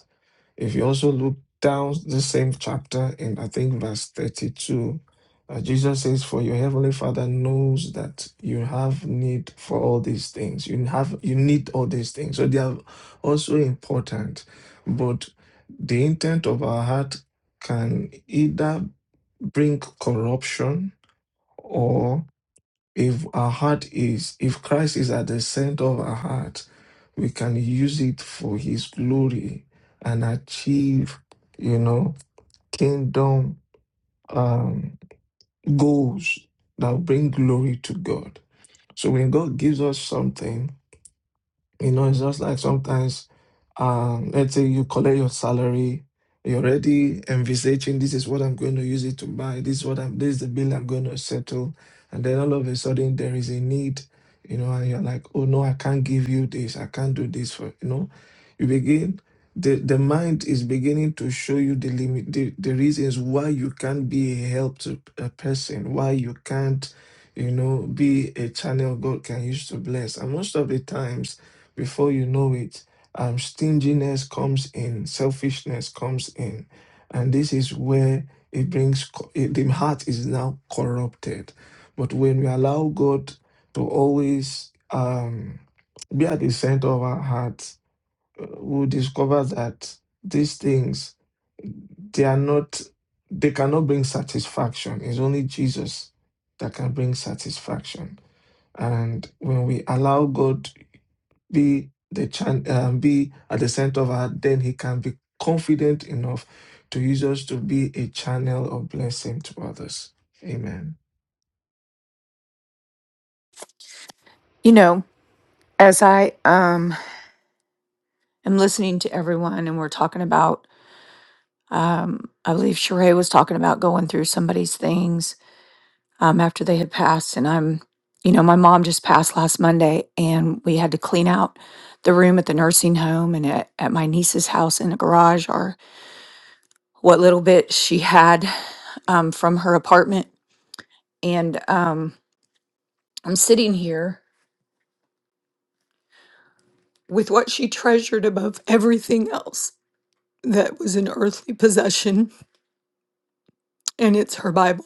Speaker 11: If you also look down the same chapter in, I think, verse 32, uh, Jesus says, For your heavenly Father knows that you have need for all these things. You have you need all these things. So they are also important. But the intent of our heart can either bring corruption or if our heart is if Christ is at the center of our heart we can use it for his glory and achieve, you know, kingdom um, goals that bring glory to God. So when God gives us something, you know, it's just like sometimes, um, let's say you collect your salary, you're already envisaging this is what I'm going to use it to buy, this is what I'm this is the bill I'm going to settle. And then all of a sudden there is a need, you know, and you're like, oh no, I can't give you this, I can't do this for you know. You begin the, the mind is beginning to show you the limit the, the reasons why you can't be a help to a person, why you can't, you know, be a channel God can use to bless. And most of the times before you know it, um, stinginess comes in, selfishness comes in. And this is where it brings, co- it, the heart is now corrupted. But when we allow God to always um, be at the center of our heart, uh, we'll discover that these things, they are not, they cannot bring satisfaction. It's only Jesus that can bring satisfaction. And when we allow God be the chan- um, be at the center of our, then he can be confident enough to use us to be a channel of blessing to others. Amen.
Speaker 3: You know. as I um am listening to everyone and we're talking about um I believe Sheree was talking about going through somebody's things um after they had passed and I'm you know my mom just passed last Monday and we had to clean out the room at the nursing home and at, at my niece's house in the garage or what little bit she had um, from her apartment and um I'm sitting here with what she treasured above everything else that was an earthly possession and it's her Bible.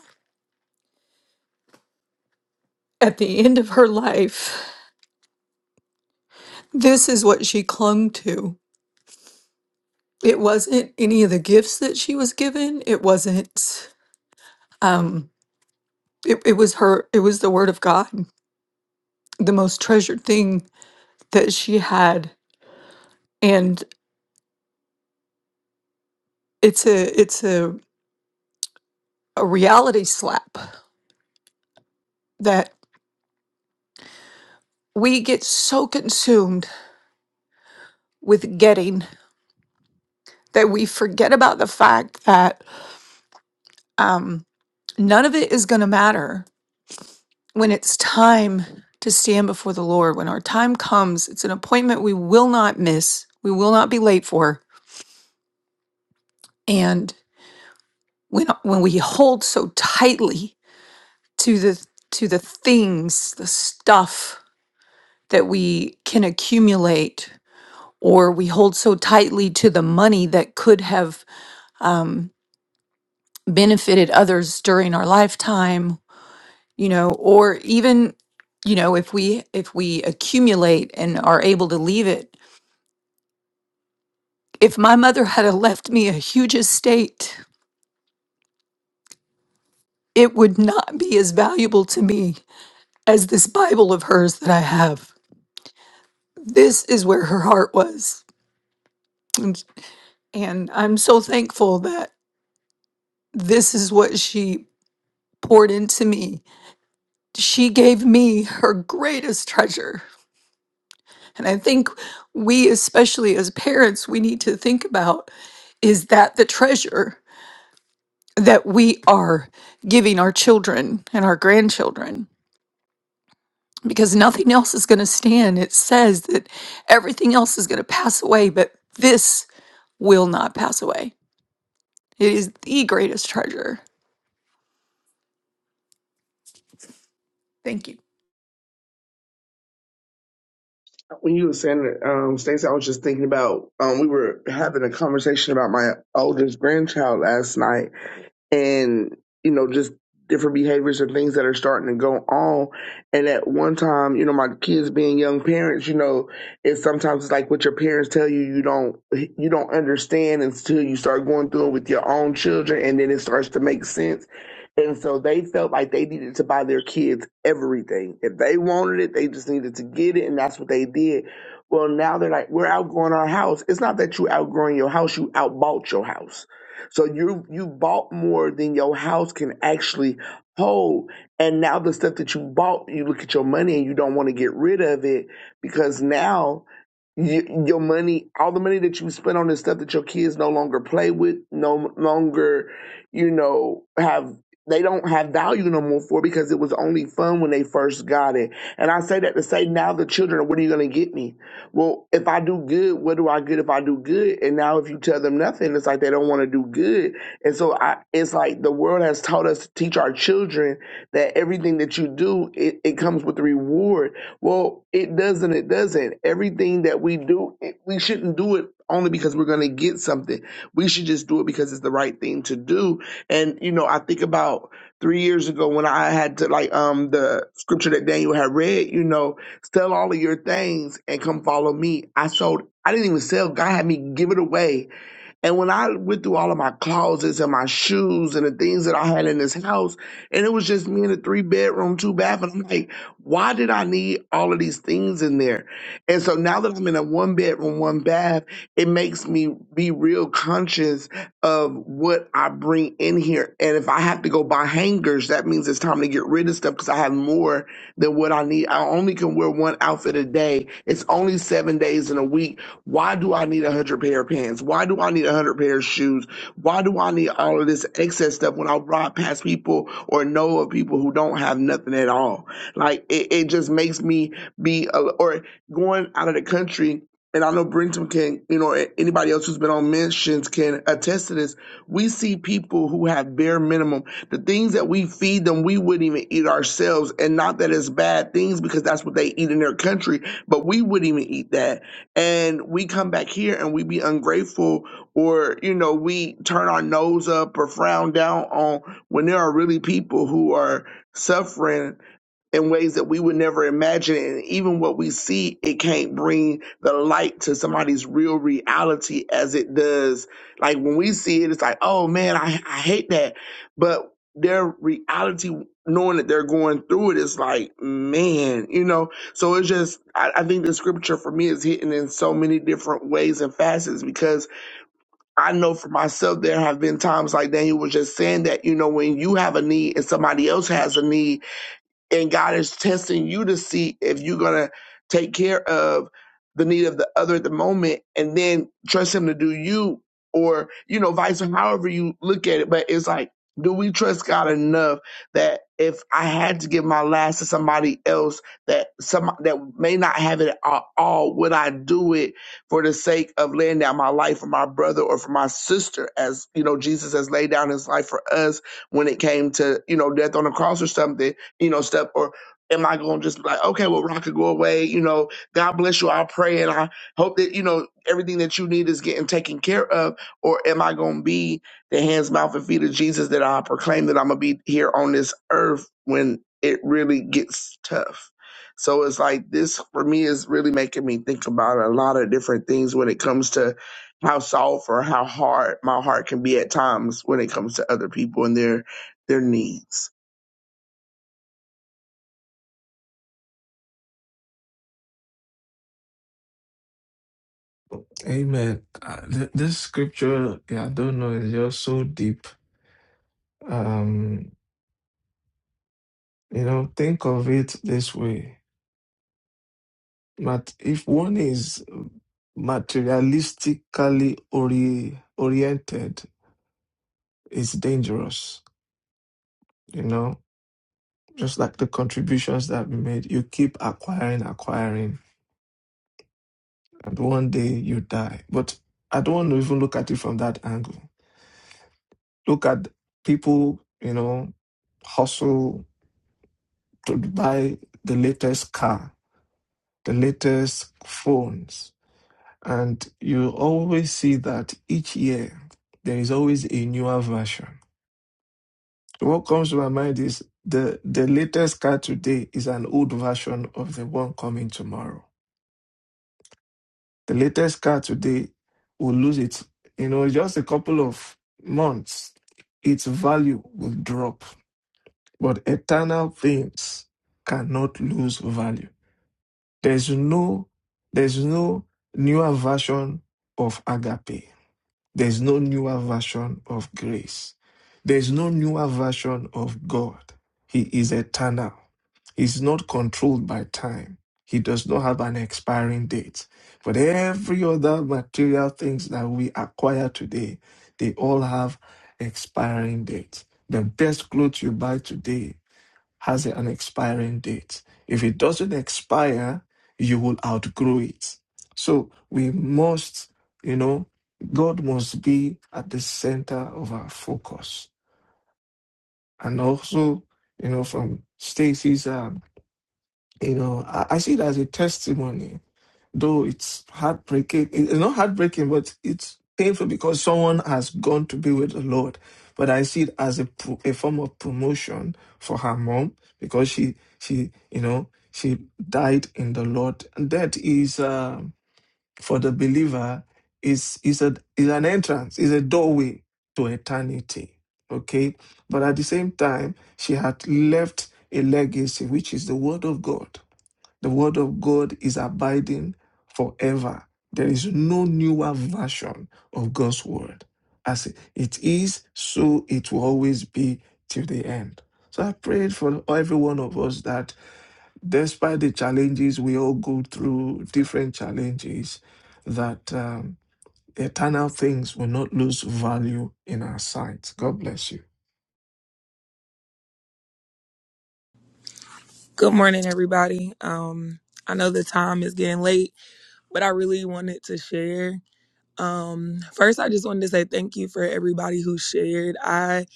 Speaker 3: at the end of her life, this is what she clung to. It wasn't any of the gifts that she was given. It wasn't um it, it was her it was the word of God, the most treasured thing that she had. And it's a it's a, a reality slap that we get so consumed with getting that we forget about the fact that um none of it is gonna matter when it's time to stand before the Lord, when our time comes, it's an appointment we will not miss, we will not be late for. And when when we hold so tightly to the to the things, the stuff that we can accumulate, or we hold so tightly to the money that could have um, benefited others, able to leave it. If my mother had left me a huge estate, it would not be as valuable to me as this Bible of hers that I have. This is where her heart was. And, and I'm so thankful that this is what she poured into me. She gave me her greatest treasure. And I think we, especially as parents, we need to think about is that the treasure that we are giving our children and our grandchildren? Because nothing else is going to stand. It says that everything else is going to pass away, but this will not pass away. It is the greatest treasure.
Speaker 6: When you were saying it, um, Stacey, I was just thinking about um, we were having a conversation about my oldest grandchild last night, and you know just different behaviors and things that are starting to go on and at one time you know my kids being young parents you know it's sometimes it's like what your parents tell you you don't you don't understand until you start going through it with your own children and then it starts to make sense and so they felt like they needed to buy their kids everything if they wanted it they just needed to get it and that's what they did well now they're like we're outgrowing our house it's not that you outgrowing your house you outbought your house so you you bought more than your house can actually hold. And now the stuff that you bought, you look at your money and you don't want to get rid of it because now you, your money, all the money that you spent on this stuff that your kids no longer play with, no longer, you know, have they don't have value no more for because it was only fun when they first got it. And I say that to say now the children are, what are you going to get me? well, if I do good, what do I get if I do good? And now if you tell them nothing, it's like they don't want to do good. And so I, it's like the world has taught us to teach our children that everything that you do, it, it comes with a reward. Well, it doesn't. It doesn't. Everything that we do, it, we shouldn't do it only because we're going to get something. We should just do it because it's the right thing to do. And, you know, I think about three years ago when I had to like um the scripture that Daniel had read, you know, Sell all of your things and come follow me. I sold, I didn't even sell. God had me give it away and when I went through all of my closets and my shoes and the things that I had in this house, and it was just me in a three bedroom, two bath, and I'm like, why did I need all of these things in there? And so now that I'm in a one bedroom, one bath, it makes me be real conscious of what I bring in here. And if I have to go buy hangers, that means it's time to get rid of stuff because I have more than what I need. I only can wear one outfit a day. It's only seven days in a week. Why do I need a hundred pair of pants? Why do I need a hundred pair of shoes? Why do I need all of this excess stuff when I ride past people or know of people who don't have nothing at all? Like it, it just makes me be a, or going out of the country. And I know Brenton can, you know, anybody else who's been on missions can attest to this. We see people who have bare minimum the things that we feed them we wouldn't even eat ourselves and not that it's bad things because that's what they eat in their country but we wouldn't even eat that and we come back here and we be ungrateful or you know we turn our nose up or frown down on when there are really people who are suffering in ways that we would never imagine. And even what we see, it can't bring the light to somebody's real reality as it does. Like when we see it, it's like, oh man, I, I hate that. But their reality, knowing that they're going through it, is like, man, you know? So it's just, I, I think the scripture for me is hitting in so many different ways and facets because I know for myself, there have been times like Daniel was just saying that, you know, when you have a need and somebody else has a need, and God is testing you to see if you're gonna take care of the need of the other at the moment, and then trust Him to do you, or you know, vice versa. However you look at it, but it's like, do we trust God enough that if I had to give my last to somebody else that some that may not have it at all, would I do it for the sake of laying down my life for my brother or for my sister? As you know, Jesus has laid down His life for us when it came to you know death on the cross or something you know, step? Or am I going to just be like, okay, well, Ron could go away. You know, God bless you. i pray and I hope that, you know, everything that you need is getting taken care of. Or am I going to be the hands, mouth, and feet of Jesus that I proclaim that I'm going to be here on this earth when it really gets tough? So it's like this for me is really making me think about a lot of different things when it comes to how soft or how hard my heart can be at times when it comes to other people and their their needs.
Speaker 11: Amen. Uh, th- this scripture, yeah, I don't know, is just so deep. Um, you know, think of it this way. But if one is materialistically ori- oriented, it's dangerous, you know? Just like the contributions that we made, you keep acquiring, acquiring, and one day you die. But I don't want to even look at it from that angle. Look at people, you know, hustle to buy the latest car, the latest phones. And you always see that each year there is always a newer version What comes to my mind is the the latest car today is an old version of the one coming tomorrow. The latest car today will lose it. You know, in just a couple of months, its value will drop. But eternal things cannot lose value. There's no there's no newer version of agape. There's no newer version of grace. There's no newer version of God. He is eternal. He's not controlled by time. He does not have an expiring date. But every other material things that we acquire today, they all have expiring dates. The best clothes you buy today has an expiring date. If it doesn't expire, you will outgrow it. So we must, you know, God must be at the center of our focus. And also, you know, from Stacy's, um, you know, I, I see it as a testimony though it's heartbreaking. It's not heartbreaking, but it's painful because someone has gone to be with the Lord. But I see it as a pro- a form of promotion for her mom because she she you know she died in the Lord. And that is uh, for the believer is is a is an entrance, is a doorway to eternity. Okay, but at the same time, she had left a legacy, which is the Word of God the word of God is abiding forever. There is no newer version of God's word. As it is, so it will always be till the end. So I prayed for every one of us that despite the challenges, we all go through different challenges, that um, eternal things will not lose value in our sight. God bless you.
Speaker 14: Good morning, everybody. Um, I know the time is getting late, but I really wanted to share. Um, first, I just wanted to say thank you for everybody who shared. I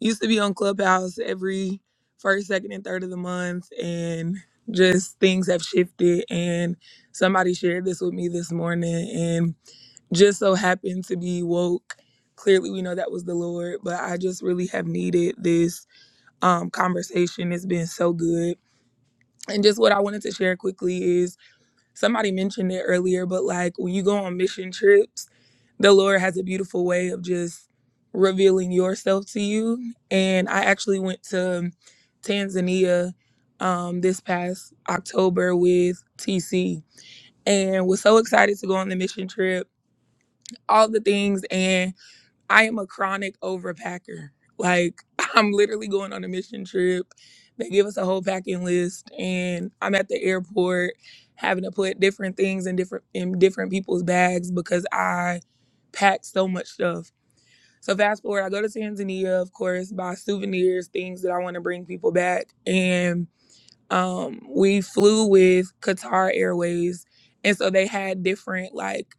Speaker 14: used to be on Clubhouse every first, second, and third of the month, and just things have shifted. And somebody shared this with me this morning, and just so happened to be woke. Clearly, we know that was the Lord, but I just really have needed this um, conversation. It's been so good and just what I wanted to share quickly is somebody mentioned it earlier, but like when you go on mission trips, the Lord has a beautiful way of just revealing yourself to you. And I actually went to Tanzania um, this past October with TC and was so excited to go on the mission trip, all the things. and. I am a chronic overpacker. Like I'm literally going on a mission trip. They give us a whole packing list and I'm at the airport having to put different things in different in different people's bags because I pack so much stuff. So fast forward, I go to Tanzania, of course, buy souvenirs, things that I want to bring people back. And um we flew with Qatar Airways. And so they had different like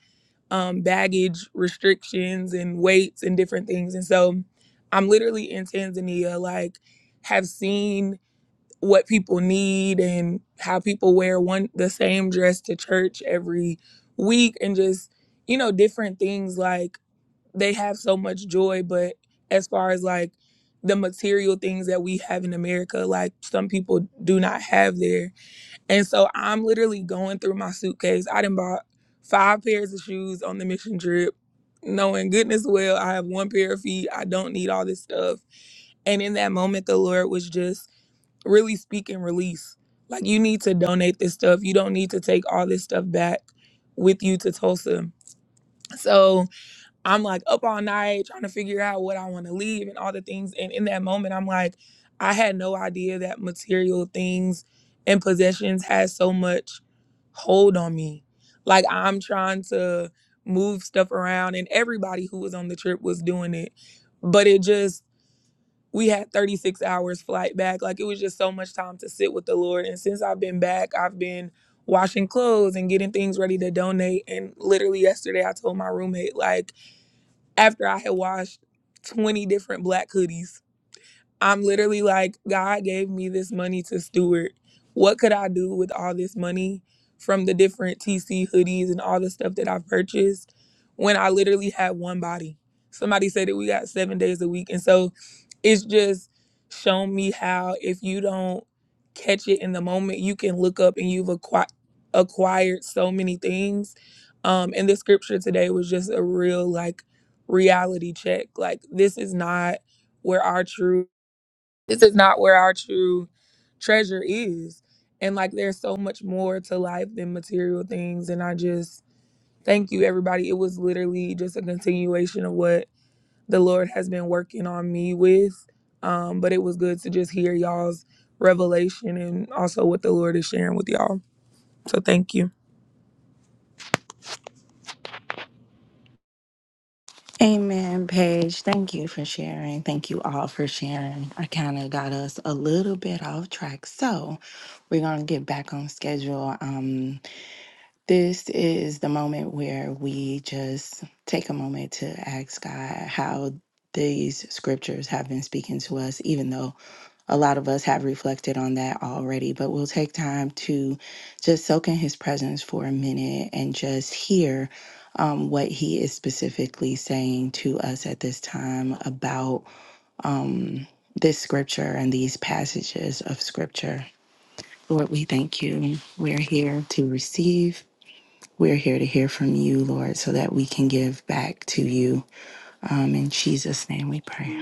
Speaker 14: um, baggage restrictions and weights and different things. And so I'm literally in Tanzania, like, have seen what people need and how people wear one the same dress to church every week and just you know different things like they have so much joy but as far as like the material things that we have in America like some people do not have there and so I'm literally going through my suitcase. I done bought five pairs of shoes on the mission trip, knowing goodness well I have one pair of feet. I don't need all this stuff. And in that moment, the Lord was just really speaking release. Like, you need to donate this stuff. You don't need to take all this stuff back with you to Tulsa. So, I'm like up all night trying to figure out what I want to leave and all the things. And in that moment, I'm like, I had no idea that material things and possessions had so much hold on me. Like I'm trying to move stuff around, and everybody who was on the trip was doing it. But it just, we had 36 hours flight back. Like it was just so much time to sit with the Lord. And since I've been back, I've been washing clothes and getting things ready to donate. And literally yesterday, I told my roommate, like, after I had washed 20 different black hoodies I'm literally like, God gave me this money to steward. What could I do with all this money from the different TC hoodies and all the stuff that I've purchased when I literally had one body? Somebody said that we got seven days a week. And so it's just shown me how if you don't catch it in the moment, you can look up and you've acqui- acquired so many things. Um, and the scripture today was just a real like reality check. Like, this is not where our true this is not where our true treasure is. And like there's so much more to life than material things. And I just thank you everybody. It was literally just a continuation of what the Lord has been working on me with. Um, but it was good to just hear y'all's revelation and also what the Lord is sharing with y'all. So thank you.
Speaker 4: Amen, Paige. Thank you for sharing. Thank you all for sharing. I kind of got us a little bit off track. So we're going to get back on schedule. Um, This is the moment where we just take a moment to ask God how these scriptures have been speaking to us, even though a lot of us have reflected on that already. But we'll take time to just soak in His presence for a minute and just hear um, what He is specifically saying to us at this time about um, this scripture and these passages of scripture. Lord, we thank you. We're here to receive. We're here to hear from you, Lord, so that we can give back to you. Um, in Jesus' name we pray.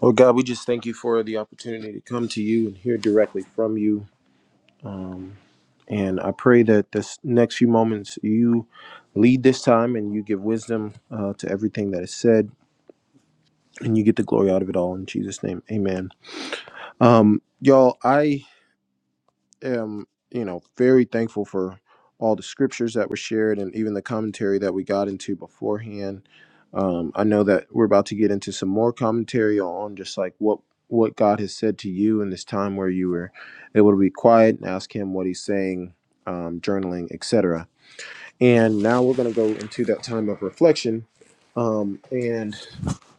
Speaker 2: Lord God, we just thank you for the opportunity to come to you and hear directly from you. Um, and I pray that this next few moments you lead this time and you give wisdom uh, to everything that is said and you get the glory out of it all. In Jesus' name, amen. Um, y'all, I am, you know, very thankful for all the scriptures that were shared and even the commentary that we got into beforehand. Um, I know that we're about to get into some more commentary on just like what what God has said to you in this time where you were able to be quiet and ask Him what He's saying, um, journaling, etc. And now we're going to go into that time of reflection. Um, and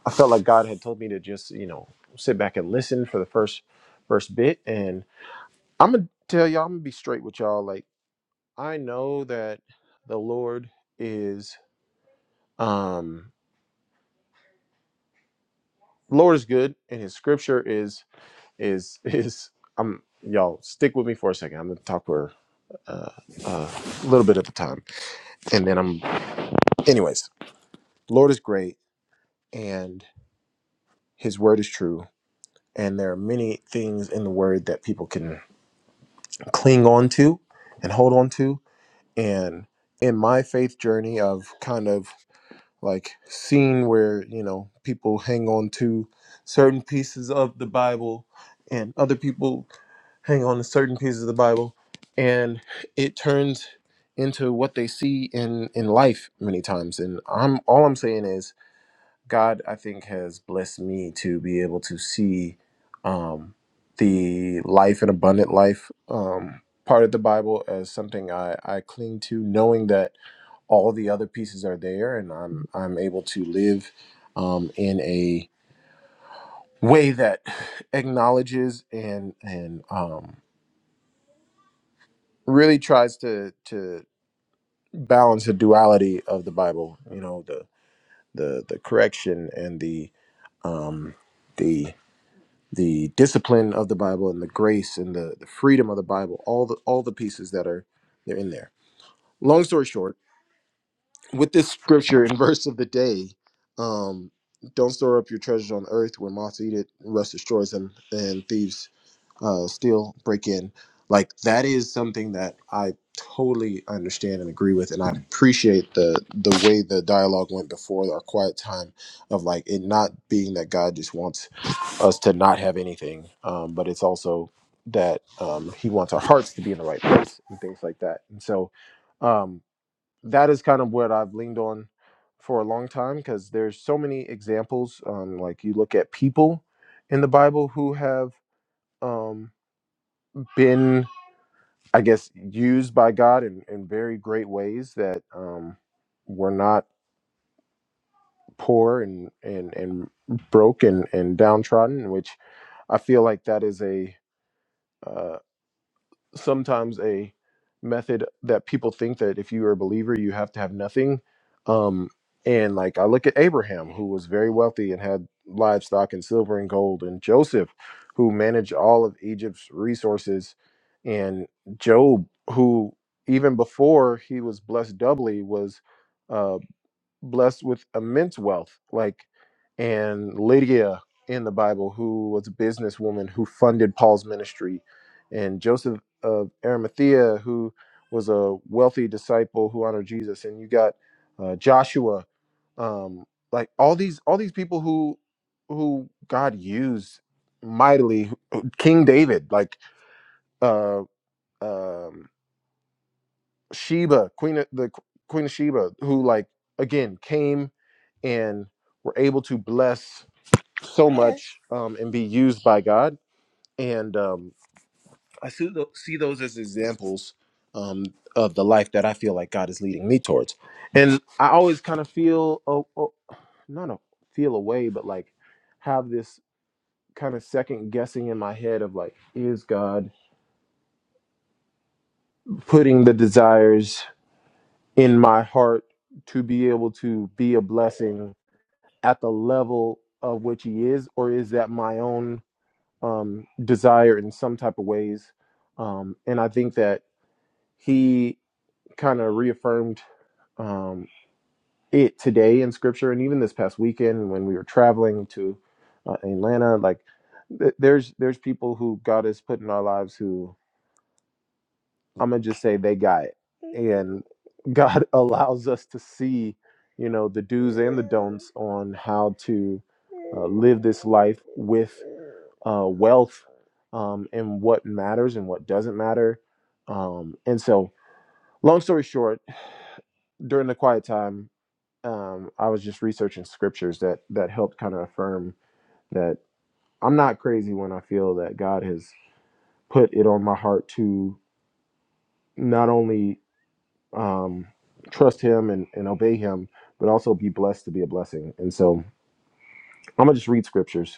Speaker 2: I felt like God had told me to just, you know, sit back and listen for the first first bit and I'm gonna tell y'all. I'm gonna be straight with y'all. Like I know that the Lord is um Lord is good, and His Scripture is is is. I'm y'all stick with me for a second. I'm gonna talk for uh, uh, a little bit at a time, and then I'm. Anyways, Lord is great, and His Word is true, and there are many things in the Word that people can cling on to and hold on to, and in my faith journey of kind of like scene where you know people hang on to certain pieces of the bible and other people hang on to certain pieces of the bible and it turns into what they see in in life many times and i'm all i'm saying is god i think has blessed me to be able to see um the life and abundant life um part of the bible as something i i cling to knowing that all the other pieces are there and i'm i'm able to live um, in a way that acknowledges and and um, really tries to to balance the duality of the bible you know the the the correction and the um the the discipline of the bible and the grace and the the freedom of the bible all the all the pieces that are they're in there long story short with this scripture and verse of the day, um, don't store up your treasures on earth where moths eat it, rust destroys them, and thieves uh, steal, break in. Like that is something that I totally understand and agree with, and I appreciate the the way the dialogue went before our quiet time of like it not being that God just wants us to not have anything, um, but it's also that um, He wants our hearts to be in the right place and things like that. And so, um, that is kind of what I've leaned on for a long time because there's so many examples. Um, like you look at people in the Bible who have um, been, I guess, used by God in, in very great ways that um, were not poor and and and broke and and downtrodden, which I feel like that is a uh, sometimes a method that people think that if you are a believer you have to have nothing um and like i look at abraham who was very wealthy and had livestock and silver and gold and joseph who managed all of egypt's resources and job who even before he was blessed doubly was Uh, blessed with immense wealth, like and Lydia in the Bible, who was a businesswoman who funded Paul's ministry, and Joseph of Arimathea, who was a wealthy disciple who honored Jesus, and you got uh, Joshua, um, like all these all these people who who God used mightily, King David, like uh, um, Sheba, Queen of the Queen of Sheba, who like again came and were able to bless so much um, and be used by God. And um, I see, tho- see those as examples um, of the life that I feel like God is leading me towards. And I always kind of feel, oh, oh, not a feel away, but like have this kind of second guessing in my head of like, is God putting the desires in my heart to be able to be a blessing at the level of which He is, or is that my own? um, desire in some type of ways. Um, and I think that he kind of reaffirmed um, it today in scripture and even this past weekend when we were traveling to uh, Atlanta. Like th- there's there's people who God has put in our lives who I'm gonna just say they got it. And God allows us to see, you know, the do's and the don'ts on how to uh, live this life with. uh, wealth um, and what matters and what doesn't matter. Um, and so, long story short, during the quiet time, um, I was just researching scriptures that that helped kind of affirm that I'm not crazy when I feel that God has put it on my heart to not only um, trust Him and, and obey Him, but also be blessed to be a blessing. And so, I'm gonna just read scriptures,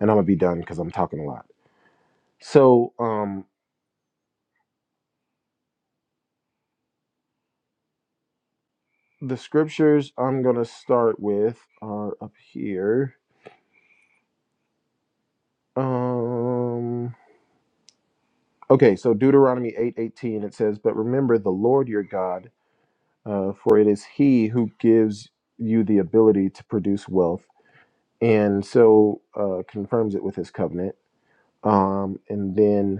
Speaker 2: and I'm gonna be done because I'm talking a lot. So, um, the scriptures I'm gonna start with are up here. Um, okay, so Deuteronomy eight eighteen it says, "But remember the Lord your God, uh, for it is He who gives you the ability to produce wealth, and so uh, confirms it with His covenant." Um, and then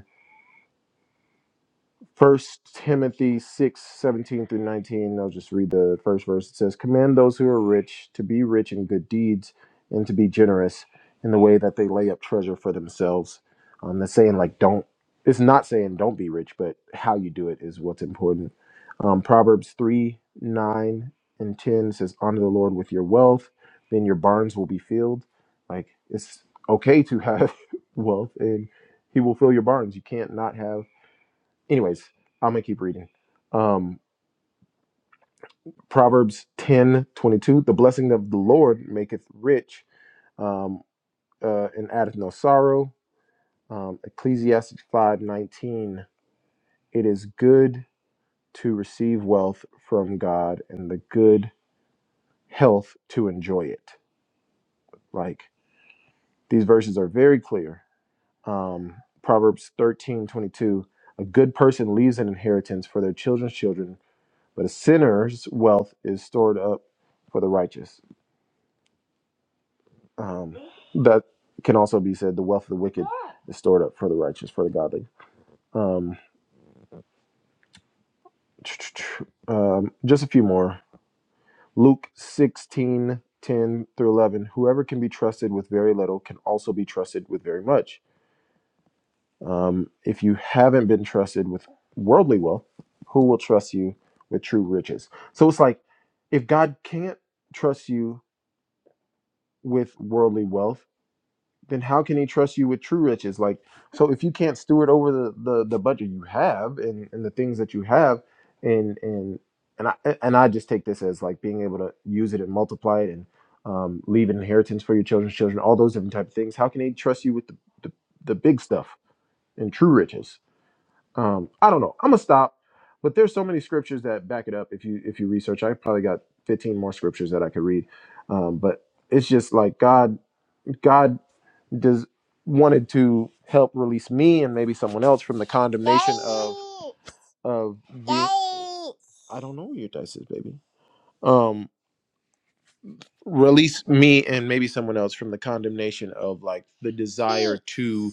Speaker 2: First Timothy 6 17 through 19. I'll just read the first verse. It says, Command those who are rich to be rich in good deeds and to be generous in the way that they lay up treasure for themselves. Um, that's saying, like, don't, it's not saying don't be rich, but how you do it is what's important. Um, Proverbs 3, 9 and 10 says, Honor the Lord with your wealth, then your barns will be filled. Like, it's okay to have wealth and he will fill your barns. You can't not have anyways, I'm gonna keep reading. Um, Proverbs 10 22: the blessing of the Lord maketh rich, um, uh, and addeth no sorrow. Um, Ecclesiastes 5 19: it is good to receive wealth from God and the good health to enjoy it. Like these verses are very clear. Um, Proverbs 13 22: a good person leaves an inheritance for their children's children, but a sinner's wealth is stored up for the righteous. Um, that can also be said the wealth of the wicked is stored up for the righteous, for the godly. Um, um, just a few more. Luke 16:10 through 11. Whoever can be trusted with very little can also be trusted with very much. Um, if you haven't been trusted with worldly wealth, who will trust you with true riches? So it's like if God can't trust you with worldly wealth, then how can he trust you with true riches? Like, so if you can't steward over the the, the budget you have and, and the things that you have, and and and I and I just take this as like being able to use it and multiply it and um, leave an inheritance for your children's children, all those different type of things. How can he trust you with the the, the big stuff and true riches? Um, I don't know. I'm gonna stop. But there's so many scriptures that back it up. If you if you research, I probably got 15 more scriptures that I could read. Um, but it's just like God. God does wanted to help release me and maybe someone else from the condemnation of of the I don't know where your dice is, baby. Um, release me and maybe someone else from the condemnation of like the desire to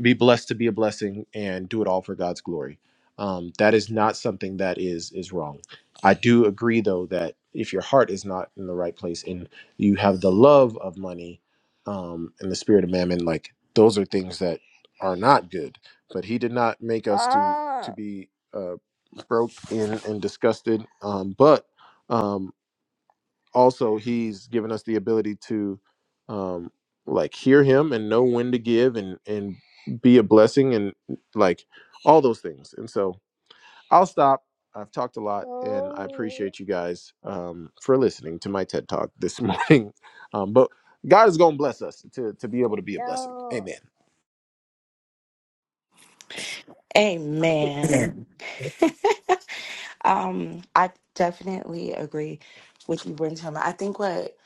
Speaker 2: be blessed to be a blessing and do it all for God's glory. Um, that is not something that is is wrong. I do agree though that if your heart is not in the right place and you have the love of money um, and the spirit of mammon, like those are things that are not good. But He did not make us to to be uh, broke and, and disgusted. Um, but um, also he's given us the ability to um like hear him and know when to give and and be a blessing and like all those things and so i'll stop i've talked a lot and i appreciate you guys um for listening to my ted talk this morning um but god is gonna bless us to to be able to be a blessing amen
Speaker 13: I,
Speaker 4: Amen. um, I definitely agree with you, Brentum. I think what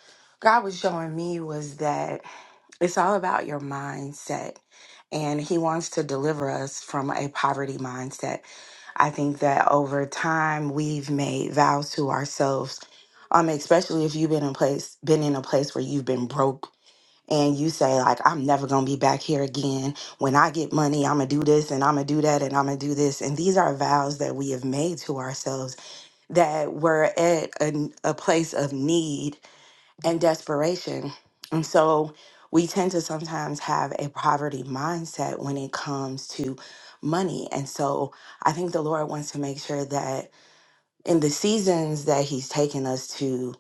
Speaker 4: God was showing me was that it's all about your mindset, and He wants to deliver us from a poverty mindset. I think that over time we've made vows to ourselves, um, especially if you've been in place, been in a place where you've been broke and you say like i'm never going to be back here again when i get money i'm going to do this and i'm going to do that and i'm going to do this and these are vows that we have made to ourselves that we're at a, a place of need and desperation and so we tend to sometimes have a poverty mindset when it comes to money and so i think the lord wants to make sure that in the seasons that he's taken us to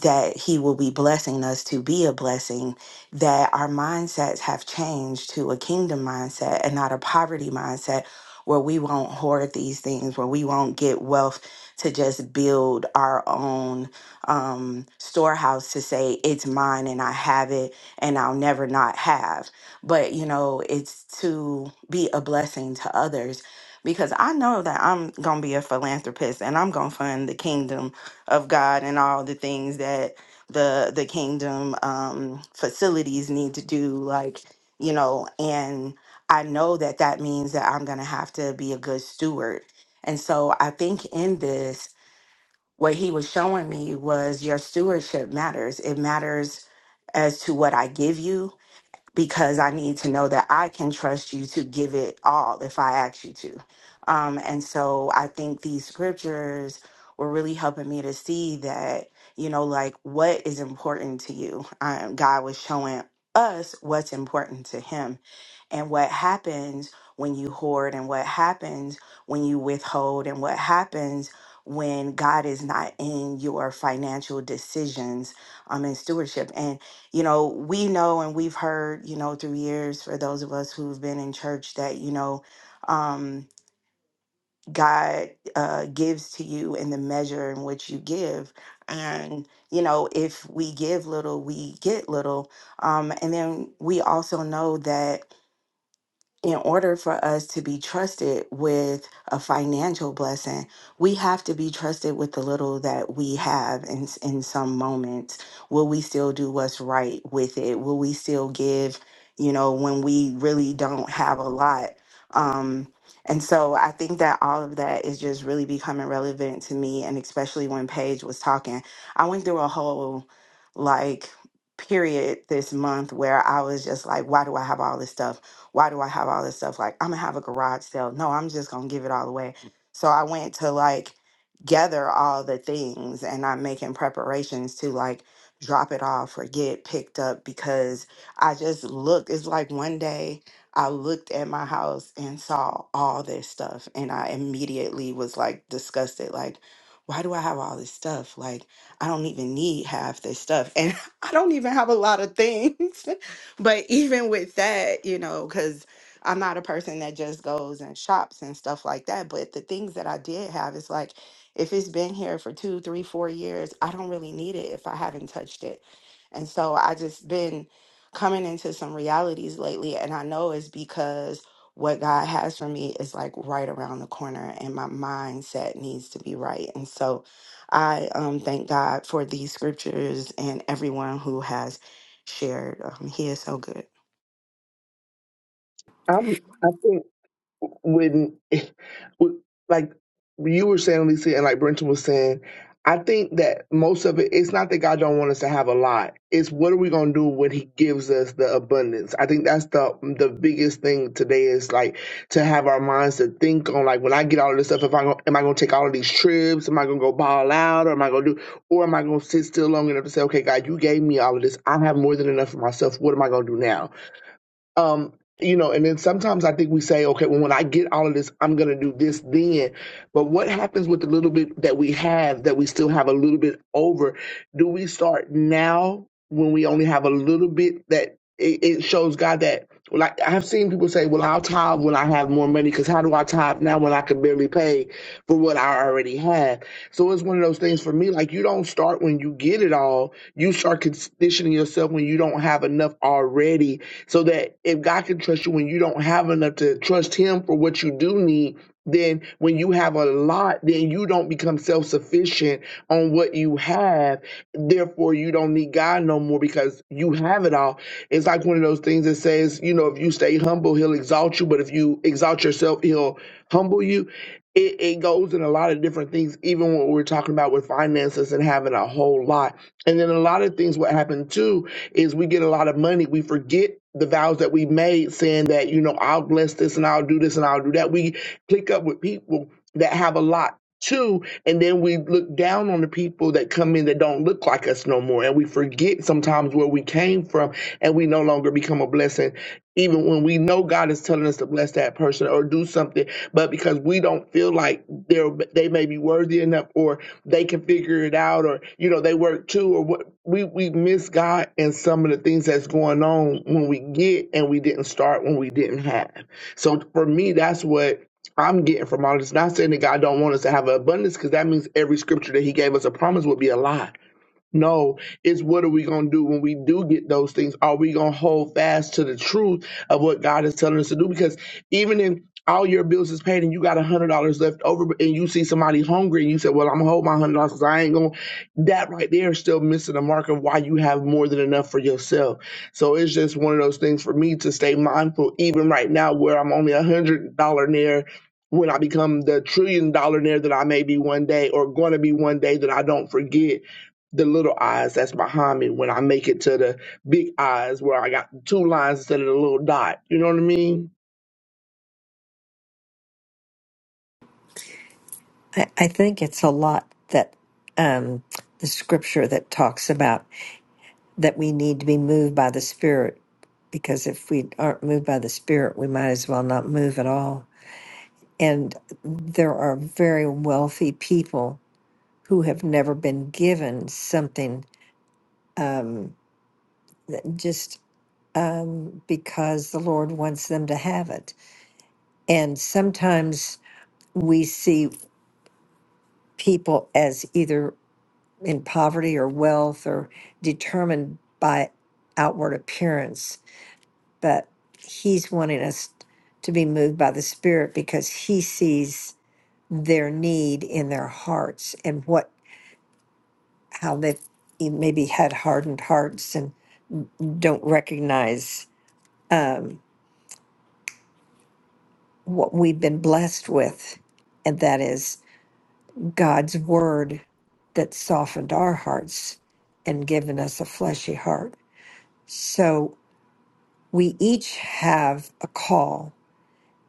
Speaker 4: that he will be blessing us to be a blessing that our mindsets have changed to a kingdom mindset and not a poverty mindset where we won't hoard these things where we won't get wealth to just build our own um, storehouse to say it's mine and i have it and i'll never not have but you know it's to be a blessing to others because I know that I'm going to be a philanthropist and I'm going to fund the kingdom of God and all the things that the the kingdom um facilities need to do like you know and I know that that means that I'm going to have to be a good steward. And so I think in this what he was showing me was your stewardship matters. It matters as to what I give you, because I need to know that I can trust you to give it all if I ask you to. Um, and so I think these scriptures were really helping me to see that, you know, like what is important to you. Um, God was showing us what's important to Him and what happens when you hoard and what happens when you withhold and what happens when God is not in your financial decisions um, and stewardship you know, we know and we've heard, you know, through years for those of us who've been in church that, you know, um, God uh, gives to you in the measure in which you give. And, you know, if we give little, we get little. Um, and then we also know that in order for us to be trusted with a financial blessing, we have to be trusted with the little that we have in, in some moments. Will we still do what's right with it? Will we still give, you know, when we really don't have a lot? Um, and so I think that all of that is just really becoming relevant to me. And especially when Paige was talking, I went through a whole like period this month where I was just like, why do I have all this stuff? Why do I have all this stuff? Like, I'm gonna have a garage sale. No, I'm just gonna give it all away. So I went to like gather all the things and I'm making preparations to like drop it off or get picked up because I just looked. It's like one day I looked at my house and saw all this stuff and I immediately was like disgusted. Like, why do I have all this stuff? Like, I don't even need half this stuff. And I don't even have a lot of things. but even with that, you know, because I'm not a person that just goes and shops and stuff like that. But the things that I did have is like, if it's been here for two, three, four years, I don't really need it if I haven't touched it. And so I just been coming into some realities lately. And I know it's because what God has for me is like right around the corner and my mindset needs to be right. And so I um, thank God for these scriptures and everyone who has shared. Um, he is so good.
Speaker 6: I'm, I think when like you were saying, Lisa, and like Brenton was saying, I think that most of it, it's not that God don't want us to have a lot. It's what are we gonna do when He gives us the abundance? I think that's the the biggest thing today is like to have our minds to think on like when I get all of this stuff, if I go, am I gonna take all of these trips? Am I gonna go ball out, or am I gonna do, or am I gonna sit still long enough to say, okay, God, you gave me all of this. I have more than enough for myself. What am I gonna do now? um you know and then sometimes i think we say okay well when i get all of this i'm going to do this then but what happens with the little bit that we have that we still have a little bit over do we start now when we only have a little bit that it, it shows god that like i've seen people say well i'll tithe when i have more money because how do i tithe now when i can barely pay for what i already have so it's one of those things for me like you don't start when you get it all you start conditioning yourself when you don't have enough already so that if God can trust you when you don't have enough to trust Him for what you do need, then when you have a lot, then you don't become self sufficient on what you have. Therefore, you don't need God no more because you have it all. It's like one of those things that says, you know, if you stay humble, He'll exalt you, but if you exalt yourself, He'll humble you. It, it goes in a lot of different things, even what we're talking about with finances and having a whole lot and then a lot of things what happen too is we get a lot of money. We forget the vows that we made saying that, you know, I'll bless this and I'll do this and I'll do that. We click up with people that have a lot too. And then we look down on the people that come in that don't look like us no more. And we forget sometimes where we came from and we no longer become a blessing even when we know God is telling us to bless that person or do something, but because we don't feel like they're they may be worthy enough or they can figure it out or you know they work too or what we we miss God and some of the things that's going on when we get and we didn't start when we didn't have. So for me, that's what. I'm getting from all this. Not saying that God don't want us to have an abundance, because that means every scripture that He gave us a promise would be a lie no, it's what are we going to do when we do get those things? Are we going to hold fast to the truth of what God is telling us to do? Because even if all your bills is paid and you got a hundred dollars left over, but- and you see somebody hungry and you say, "Well, I'm gonna hold my hundred dollars because I ain't going," that right there is still missing the mark of why you have more than enough for yourself. So it's just one of those things for me to stay mindful, even right now where I'm only a hundred dollar near. When I become the trillion dollar near that I may be one day, or going to be one day, that I don't forget the little eyes that's behind me when I make it to the big eyes where I got two lines instead of the little dot. You know what I mean?
Speaker 13: I think it's a lot that um, the scripture that talks about that we need to be moved by the Spirit, because if we aren't moved by the Spirit, we might as well not move at all. And there are very wealthy people who have never been given something um, just um, because the Lord wants them to have it. And sometimes we see people as either in poverty or wealth or determined by outward appearance, but he's wanting us to be moved by the Spirit because he sees their need in their hearts and what how they've maybe had hardened hearts and don't recognize um, what we've been blessed with, and that is God's word that softened our hearts and given us a fleshy heart. So We each have a call,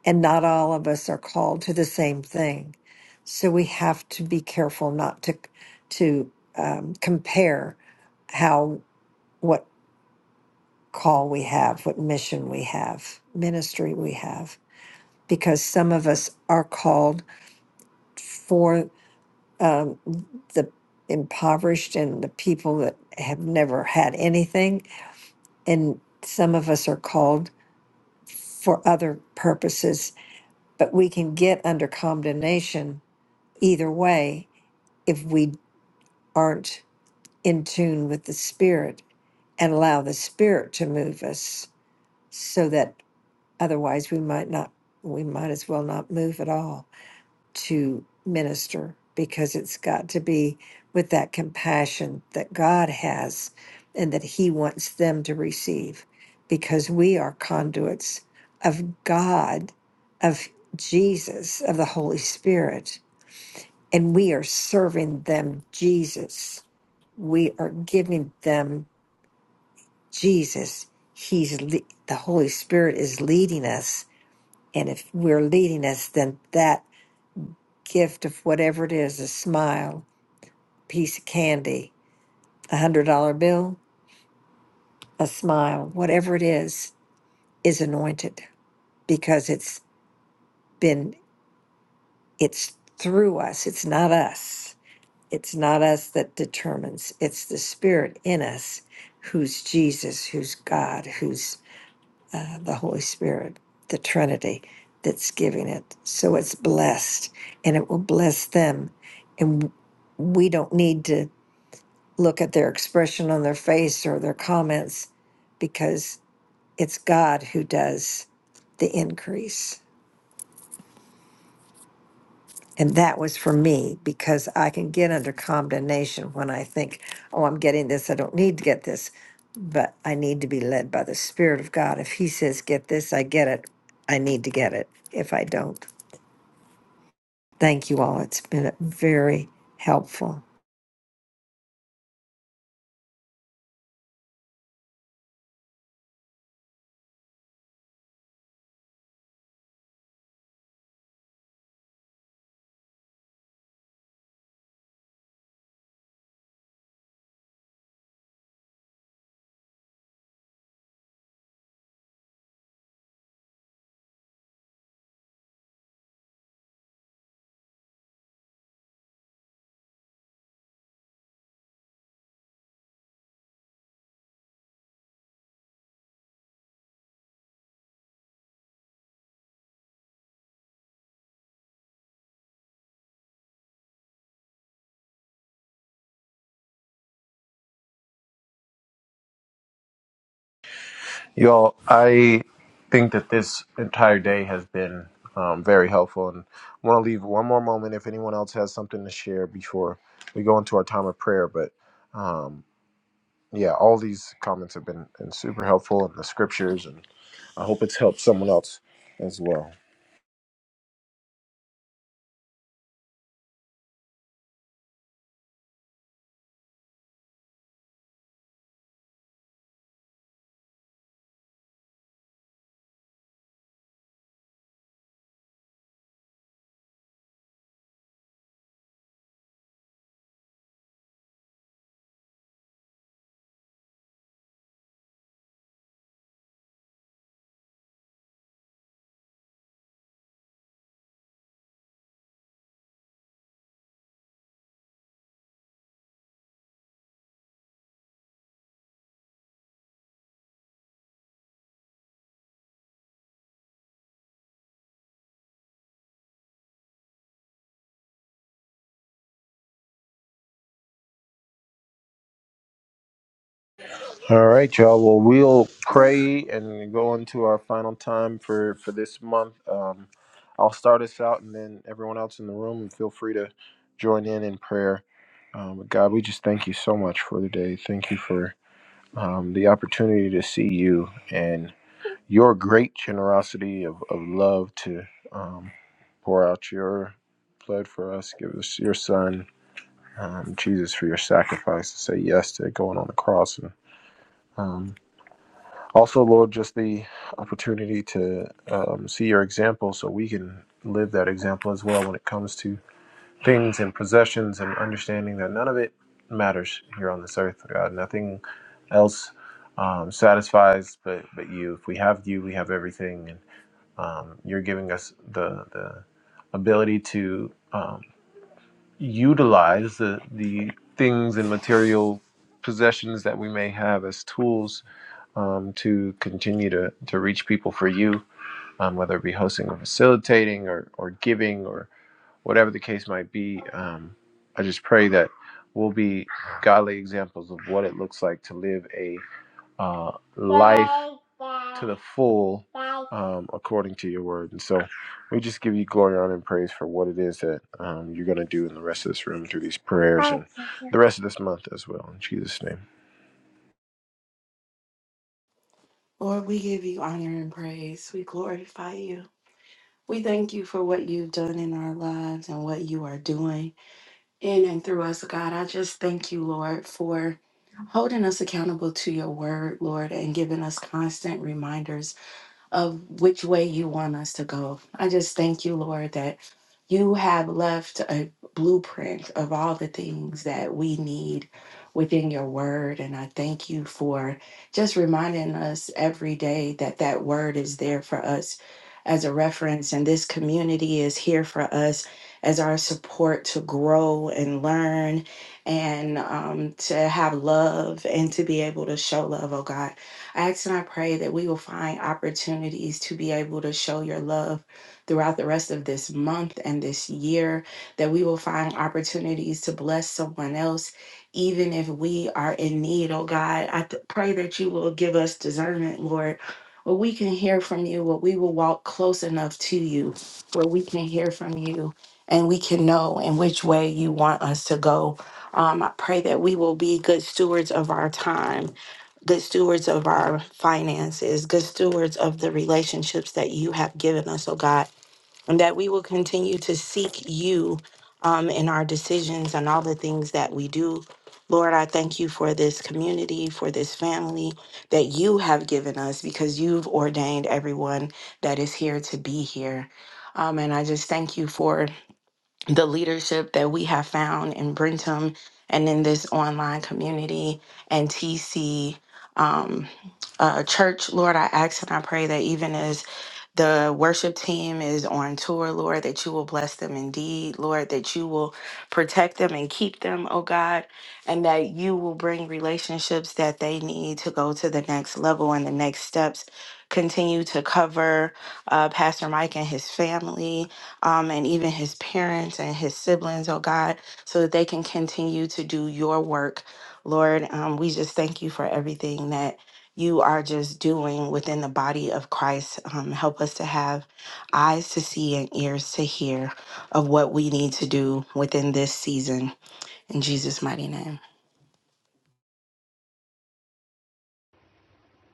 Speaker 13: and not all of us are called to the same thing. So we have to be careful not to to um, compare how what call we have, what mission we have, ministry we have, because some of us are called for um, the impoverished and the people that have never had anything, and some of us are called for other purposes but we can get under condemnation either way if we aren't in tune with the spirit and allow the spirit to move us so that otherwise we might not we might as well not move at all to minister because it's got to be with that compassion that God has and that he wants them to receive because we are conduits of God of Jesus of the Holy Spirit and we are serving them Jesus. We are giving them Jesus. He's le- the Holy Spirit is leading us, and if we're leading us, then that gift of whatever it is—a smile, piece of candy, a hundred dollar bill, a smile, whatever it is—is anointed because it's been it's through us. It's not us. It's not us that determines, it's the Spirit in us who's Jesus, who's God, who's uh, the Holy Spirit, the Trinity that's giving it. So it's blessed and it will bless them. And we don't need to look at their expression on their face or their comments because it's God who does the increase. And that was for me because I can get under condemnation when I think, oh, I'm getting this, I don't need to get this. But I need to be led by the Spirit of God. If He says, get this, I get it. I need to get it if I don't. Thank you all. It's been very helpful.
Speaker 2: Y'all, I think that this entire day has been um, very helpful, and I want to leave one more moment if anyone else has something to share before we go into our time of prayer. But um, yeah, all these comments have been, been super helpful, and the scriptures, and I hope it's helped someone else as well. All right, y'all. Well, we'll pray and go into our final time for for this month. Um, I'll start us out, and then everyone else in the room, feel free to join in in prayer. Um, but God, we just thank you so much for the day. Thank you for um, the opportunity to see you and your great generosity of, of love to um, pour out your blood for us. Give us your Son, um, Jesus, for your sacrifice to say yes to going on the cross and um, also, Lord, just the opportunity to um, see your example so we can live that example as well when it comes to things and possessions and understanding that none of it matters here on this earth, God. Nothing else um, satisfies but, but you. If we have you, we have everything. And um, you're giving us the, the ability to um, utilize the, the things and material possessions that we may have as tools um, to continue to, to reach people for you, um, whether it be hosting or facilitating or, or giving or whatever the case might be. Um, I just pray that we'll be godly examples of what it looks like to live a uh, life to the full um, according to your word. And so we just give you glory, honor, and praise for what it is that um, you're going to do in the rest of this room through these prayers and the rest of this month as well. In Jesus' name.
Speaker 4: Lord, we give you honor and praise. We glorify you. We thank you for what you've done in our lives and what you are doing in and through us, God. I just thank you, Lord, for holding us accountable to your word, Lord, and giving us constant reminders of which way you want us to go. I just thank you, Lord, that you have left a blueprint of all the things that we need within your word. And I thank you for just reminding us every day that that word is there for us as a reference. And this community is here for us as our support to grow and learn and um, to have love and to be able to show love, oh God. I ask and I pray that we will find opportunities to be able to show your love throughout the rest of this month and this year, that we will find opportunities to bless someone else, even if we are in need. Oh God, I th- pray that you will give us discernment, Lord. Where we can hear from you, where we will walk close enough to you, where we can hear from you and we can know in which way you want us to go. Um, I pray that we will be good stewards of our time good stewards of our finances, good stewards of the relationships that you have given us, oh God, and that we will continue to seek you um, in our decisions and all the things that we do. Lord, I thank you for this community, for this family that you have given us because you've ordained everyone that is here to be here. Um, and I just thank you for the leadership that we have found in Brentham and in this online community and TC um, uh, church, Lord, I ask and I pray that even as the worship team is on tour, Lord, that you will bless them indeed, Lord, that you will protect them and keep them, oh God, and that you will bring relationships that they need to go to the next level and the next steps. Continue to cover uh, Pastor Mike and his family um, and even his parents and his siblings, oh God, so that they can continue to do your work. Lord, um, we just thank you for everything that you are just doing within the body of Christ. Um, help us to have eyes to see and ears to hear of what we need to do within this season. In Jesus' mighty name.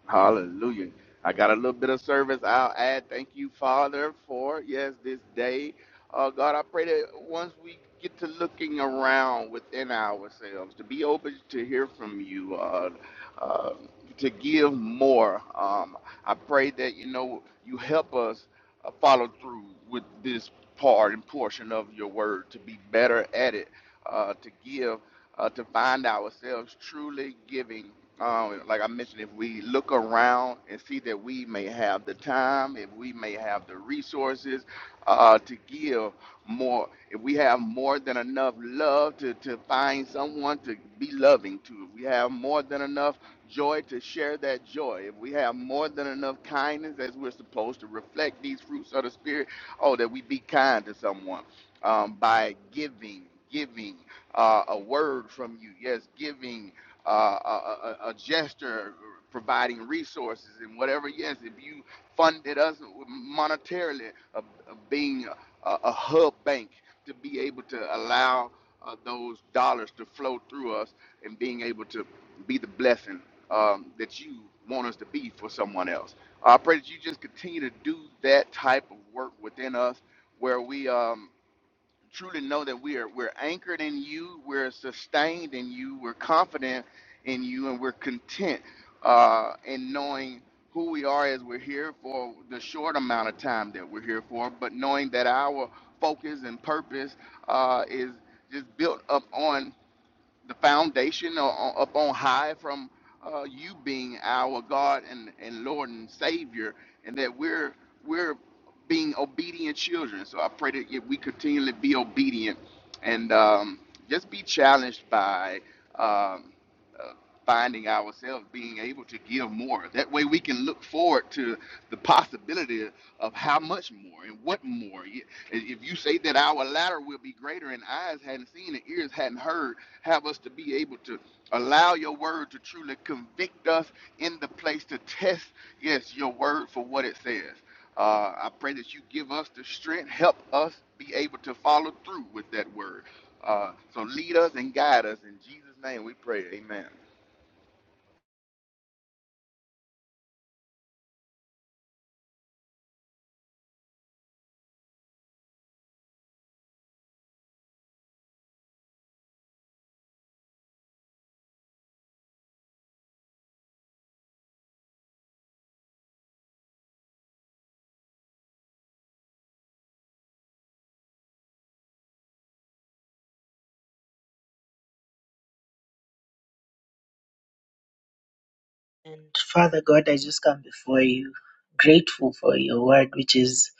Speaker 9: Hallelujah. I got a little bit of service. I'll add. Thank you, Father, for yes, this day. Uh, God, I pray that once we get to looking around within ourselves, to be open to hear from you, uh, uh, to give more. Um, I pray that you know you help us uh, follow through with this part and portion of your word to be better at it, uh, to give, uh, to find ourselves truly giving um, like I mentioned, if we look around and see that we may have the time, if we may have the resources uh, to give more, if we have more than enough love to, to find someone to be loving to, if we have more than enough joy to share that joy, if we have more than enough kindness as we're supposed to reflect these fruits of the Spirit, oh, that we be kind to someone um, by giving, giving uh, a word from you. Yes, giving uh, a, a, a gesture, providing resources and whatever. Yes, if you funded us monetarily, of, of being a, a hub bank to be able to allow uh, those dollars to flow through us and being able to be the blessing um, that you want us to be for someone else. I pray that you just continue to do that type of work within us where we um, truly know that we are we're anchored in you, we're sustained in you, we're confident in you, and we're content uh, in knowing who we are as we're here for the short amount of time that we're here for, but knowing that our focus and purpose uh, is just built up on the foundation up on high from uh, you being our God and, and Lord and Savior, and that we're we're being obedient children. So I pray that if we continually be obedient and um, just be challenged by um, uh, finding ourselves being able to give more. That way we can look forward to the possibility of how much more and what more. Y- If you say that our latter will be greater and eyes hadn't seen and ears hadn't heard, have us to be able to allow your word to truly convict us in the place to test, yes, your word for what it says. Uh, I pray that you give us the strength, help us be able to follow through with that word. Uh, so lead us and guide us. In Jesus' name we pray. Amen.
Speaker 12: And Father God, I just come before you, grateful for your word, which is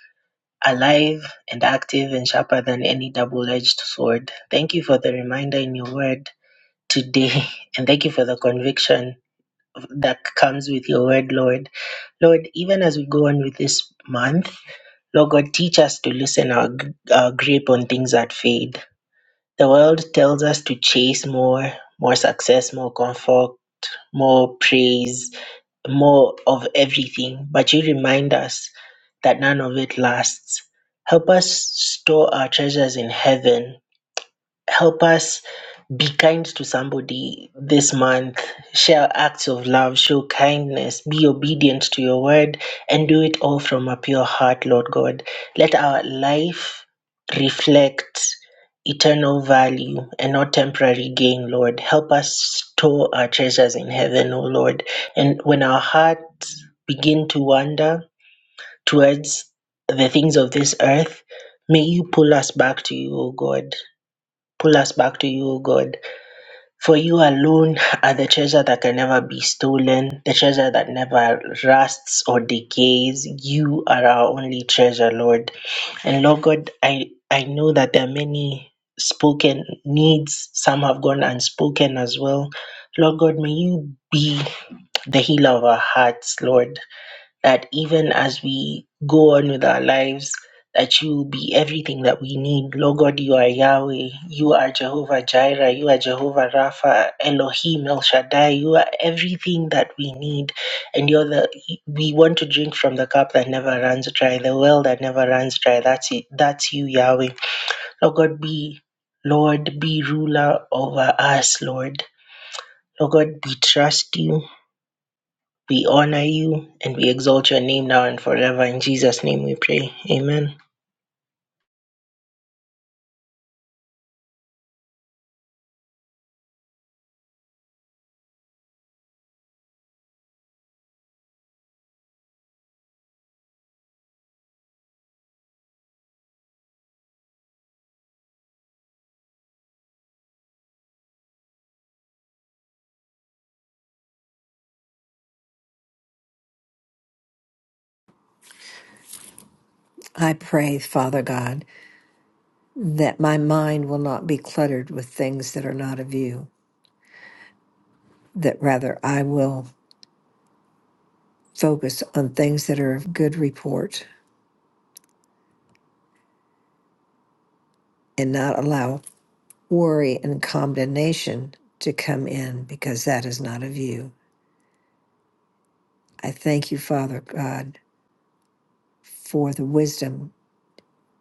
Speaker 12: alive and active and sharper than any double edged sword. Thank you for the reminder in your word today. And thank you for the conviction that comes with your word, Lord. Lord, even as we go on with this month, Lord God, teach us to loosen our, g- our grip on things that fade. The world tells us to chase more, more success, more comfort, more praise more of everything, but you remind us that none of it lasts. Help us store our treasures in heaven. Help us be kind to somebody this month. Share acts of love, show kindness, be obedient to your word, and do it all from a pure heart, Lord God. Let our life reflect eternal value and not temporary gain, Lord. Help us store our treasures in heaven, O Lord. And when our hearts begin to wander towards the things of this earth, may you pull us back to you, O God. Pull us back to you, O God for you alone are the treasure that can never be stolen, the treasure that never rusts or decays. You are our only treasure, Lord. And Lord God, I, I know that there are many spoken needs, some have gone unspoken as well. Lord God, may you be the healer of our hearts, Lord that even as we go on with our lives, that you be everything that we need. Lord God, you are Yahweh, you are Jehovah Jireh, you are Jehovah Rapha, Elohim, El Shaddai, you are everything that we need. And you're the we want to drink from the cup that never runs dry, the well that never runs dry. That's it. That's you, Yahweh. Lord God, be Lord, be ruler over us, Lord. Lord God, we trust you. We honor you and we exalt your name now and forever. In Jesus' name we pray. Amen.
Speaker 13: I pray, Father God, that my mind will not be cluttered with things that are not of you, that rather I will focus on things that are of good report and not allow worry and condemnation to come in because that is not of you. I thank you, Father God, for the wisdom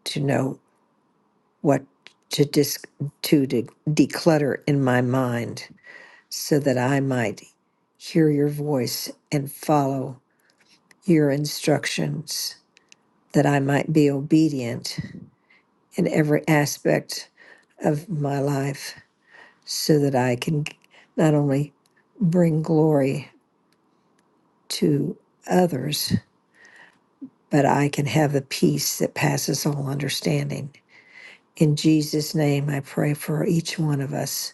Speaker 13: to know what to dis- to de- declutter in my mind so that I might hear your voice and follow your instructions, that I might be obedient in every aspect of my life so that I can not only bring glory to others, but I can have the peace that passes all understanding. In Jesus' name, I pray for each one of us,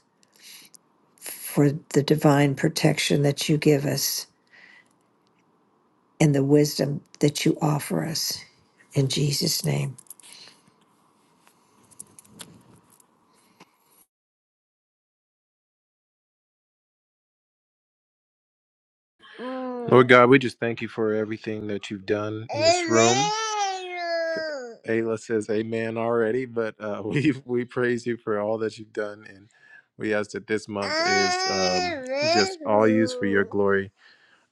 Speaker 13: for the divine protection that you give us and the wisdom that you offer us. In Jesus' name.
Speaker 2: Mm. Lord God, we just thank you for everything that you've done in this room. Ayla says amen already, but uh, we we praise you for all that you've done, and we ask that this month is um, just all used for your glory.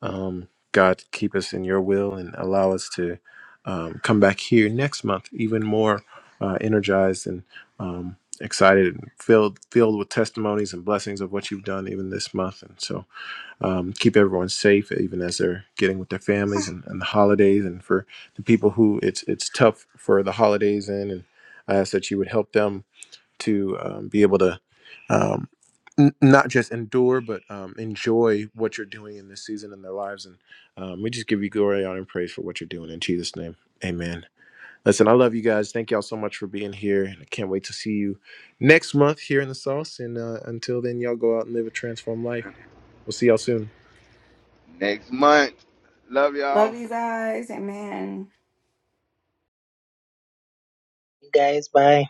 Speaker 2: Um, God, keep us in your will and allow us to um, come back here next month even more uh, energized and um, excited and filled filled with testimonies and blessings of what you've done even this month. And so um, keep everyone safe, even as they're getting with their families and, and the holidays. And for the people who it's it's tough for the holidays in, and I ask that you would help them to um, be able to um, n- not just endure, but um, enjoy what you're doing in this season in their lives. And um, we just give you glory, honor, and praise for what you're doing in Jesus' name. Amen. Listen, I love you guys. Thank y'all so much for being here. And I can't wait to see you next month here in the sauce. And uh, until then, y'all go out and live a transformed life. We'll see y'all soon.
Speaker 9: Next month. Love
Speaker 4: Love
Speaker 9: y'all.
Speaker 4: you guys. Amen.
Speaker 12: Guys, bye.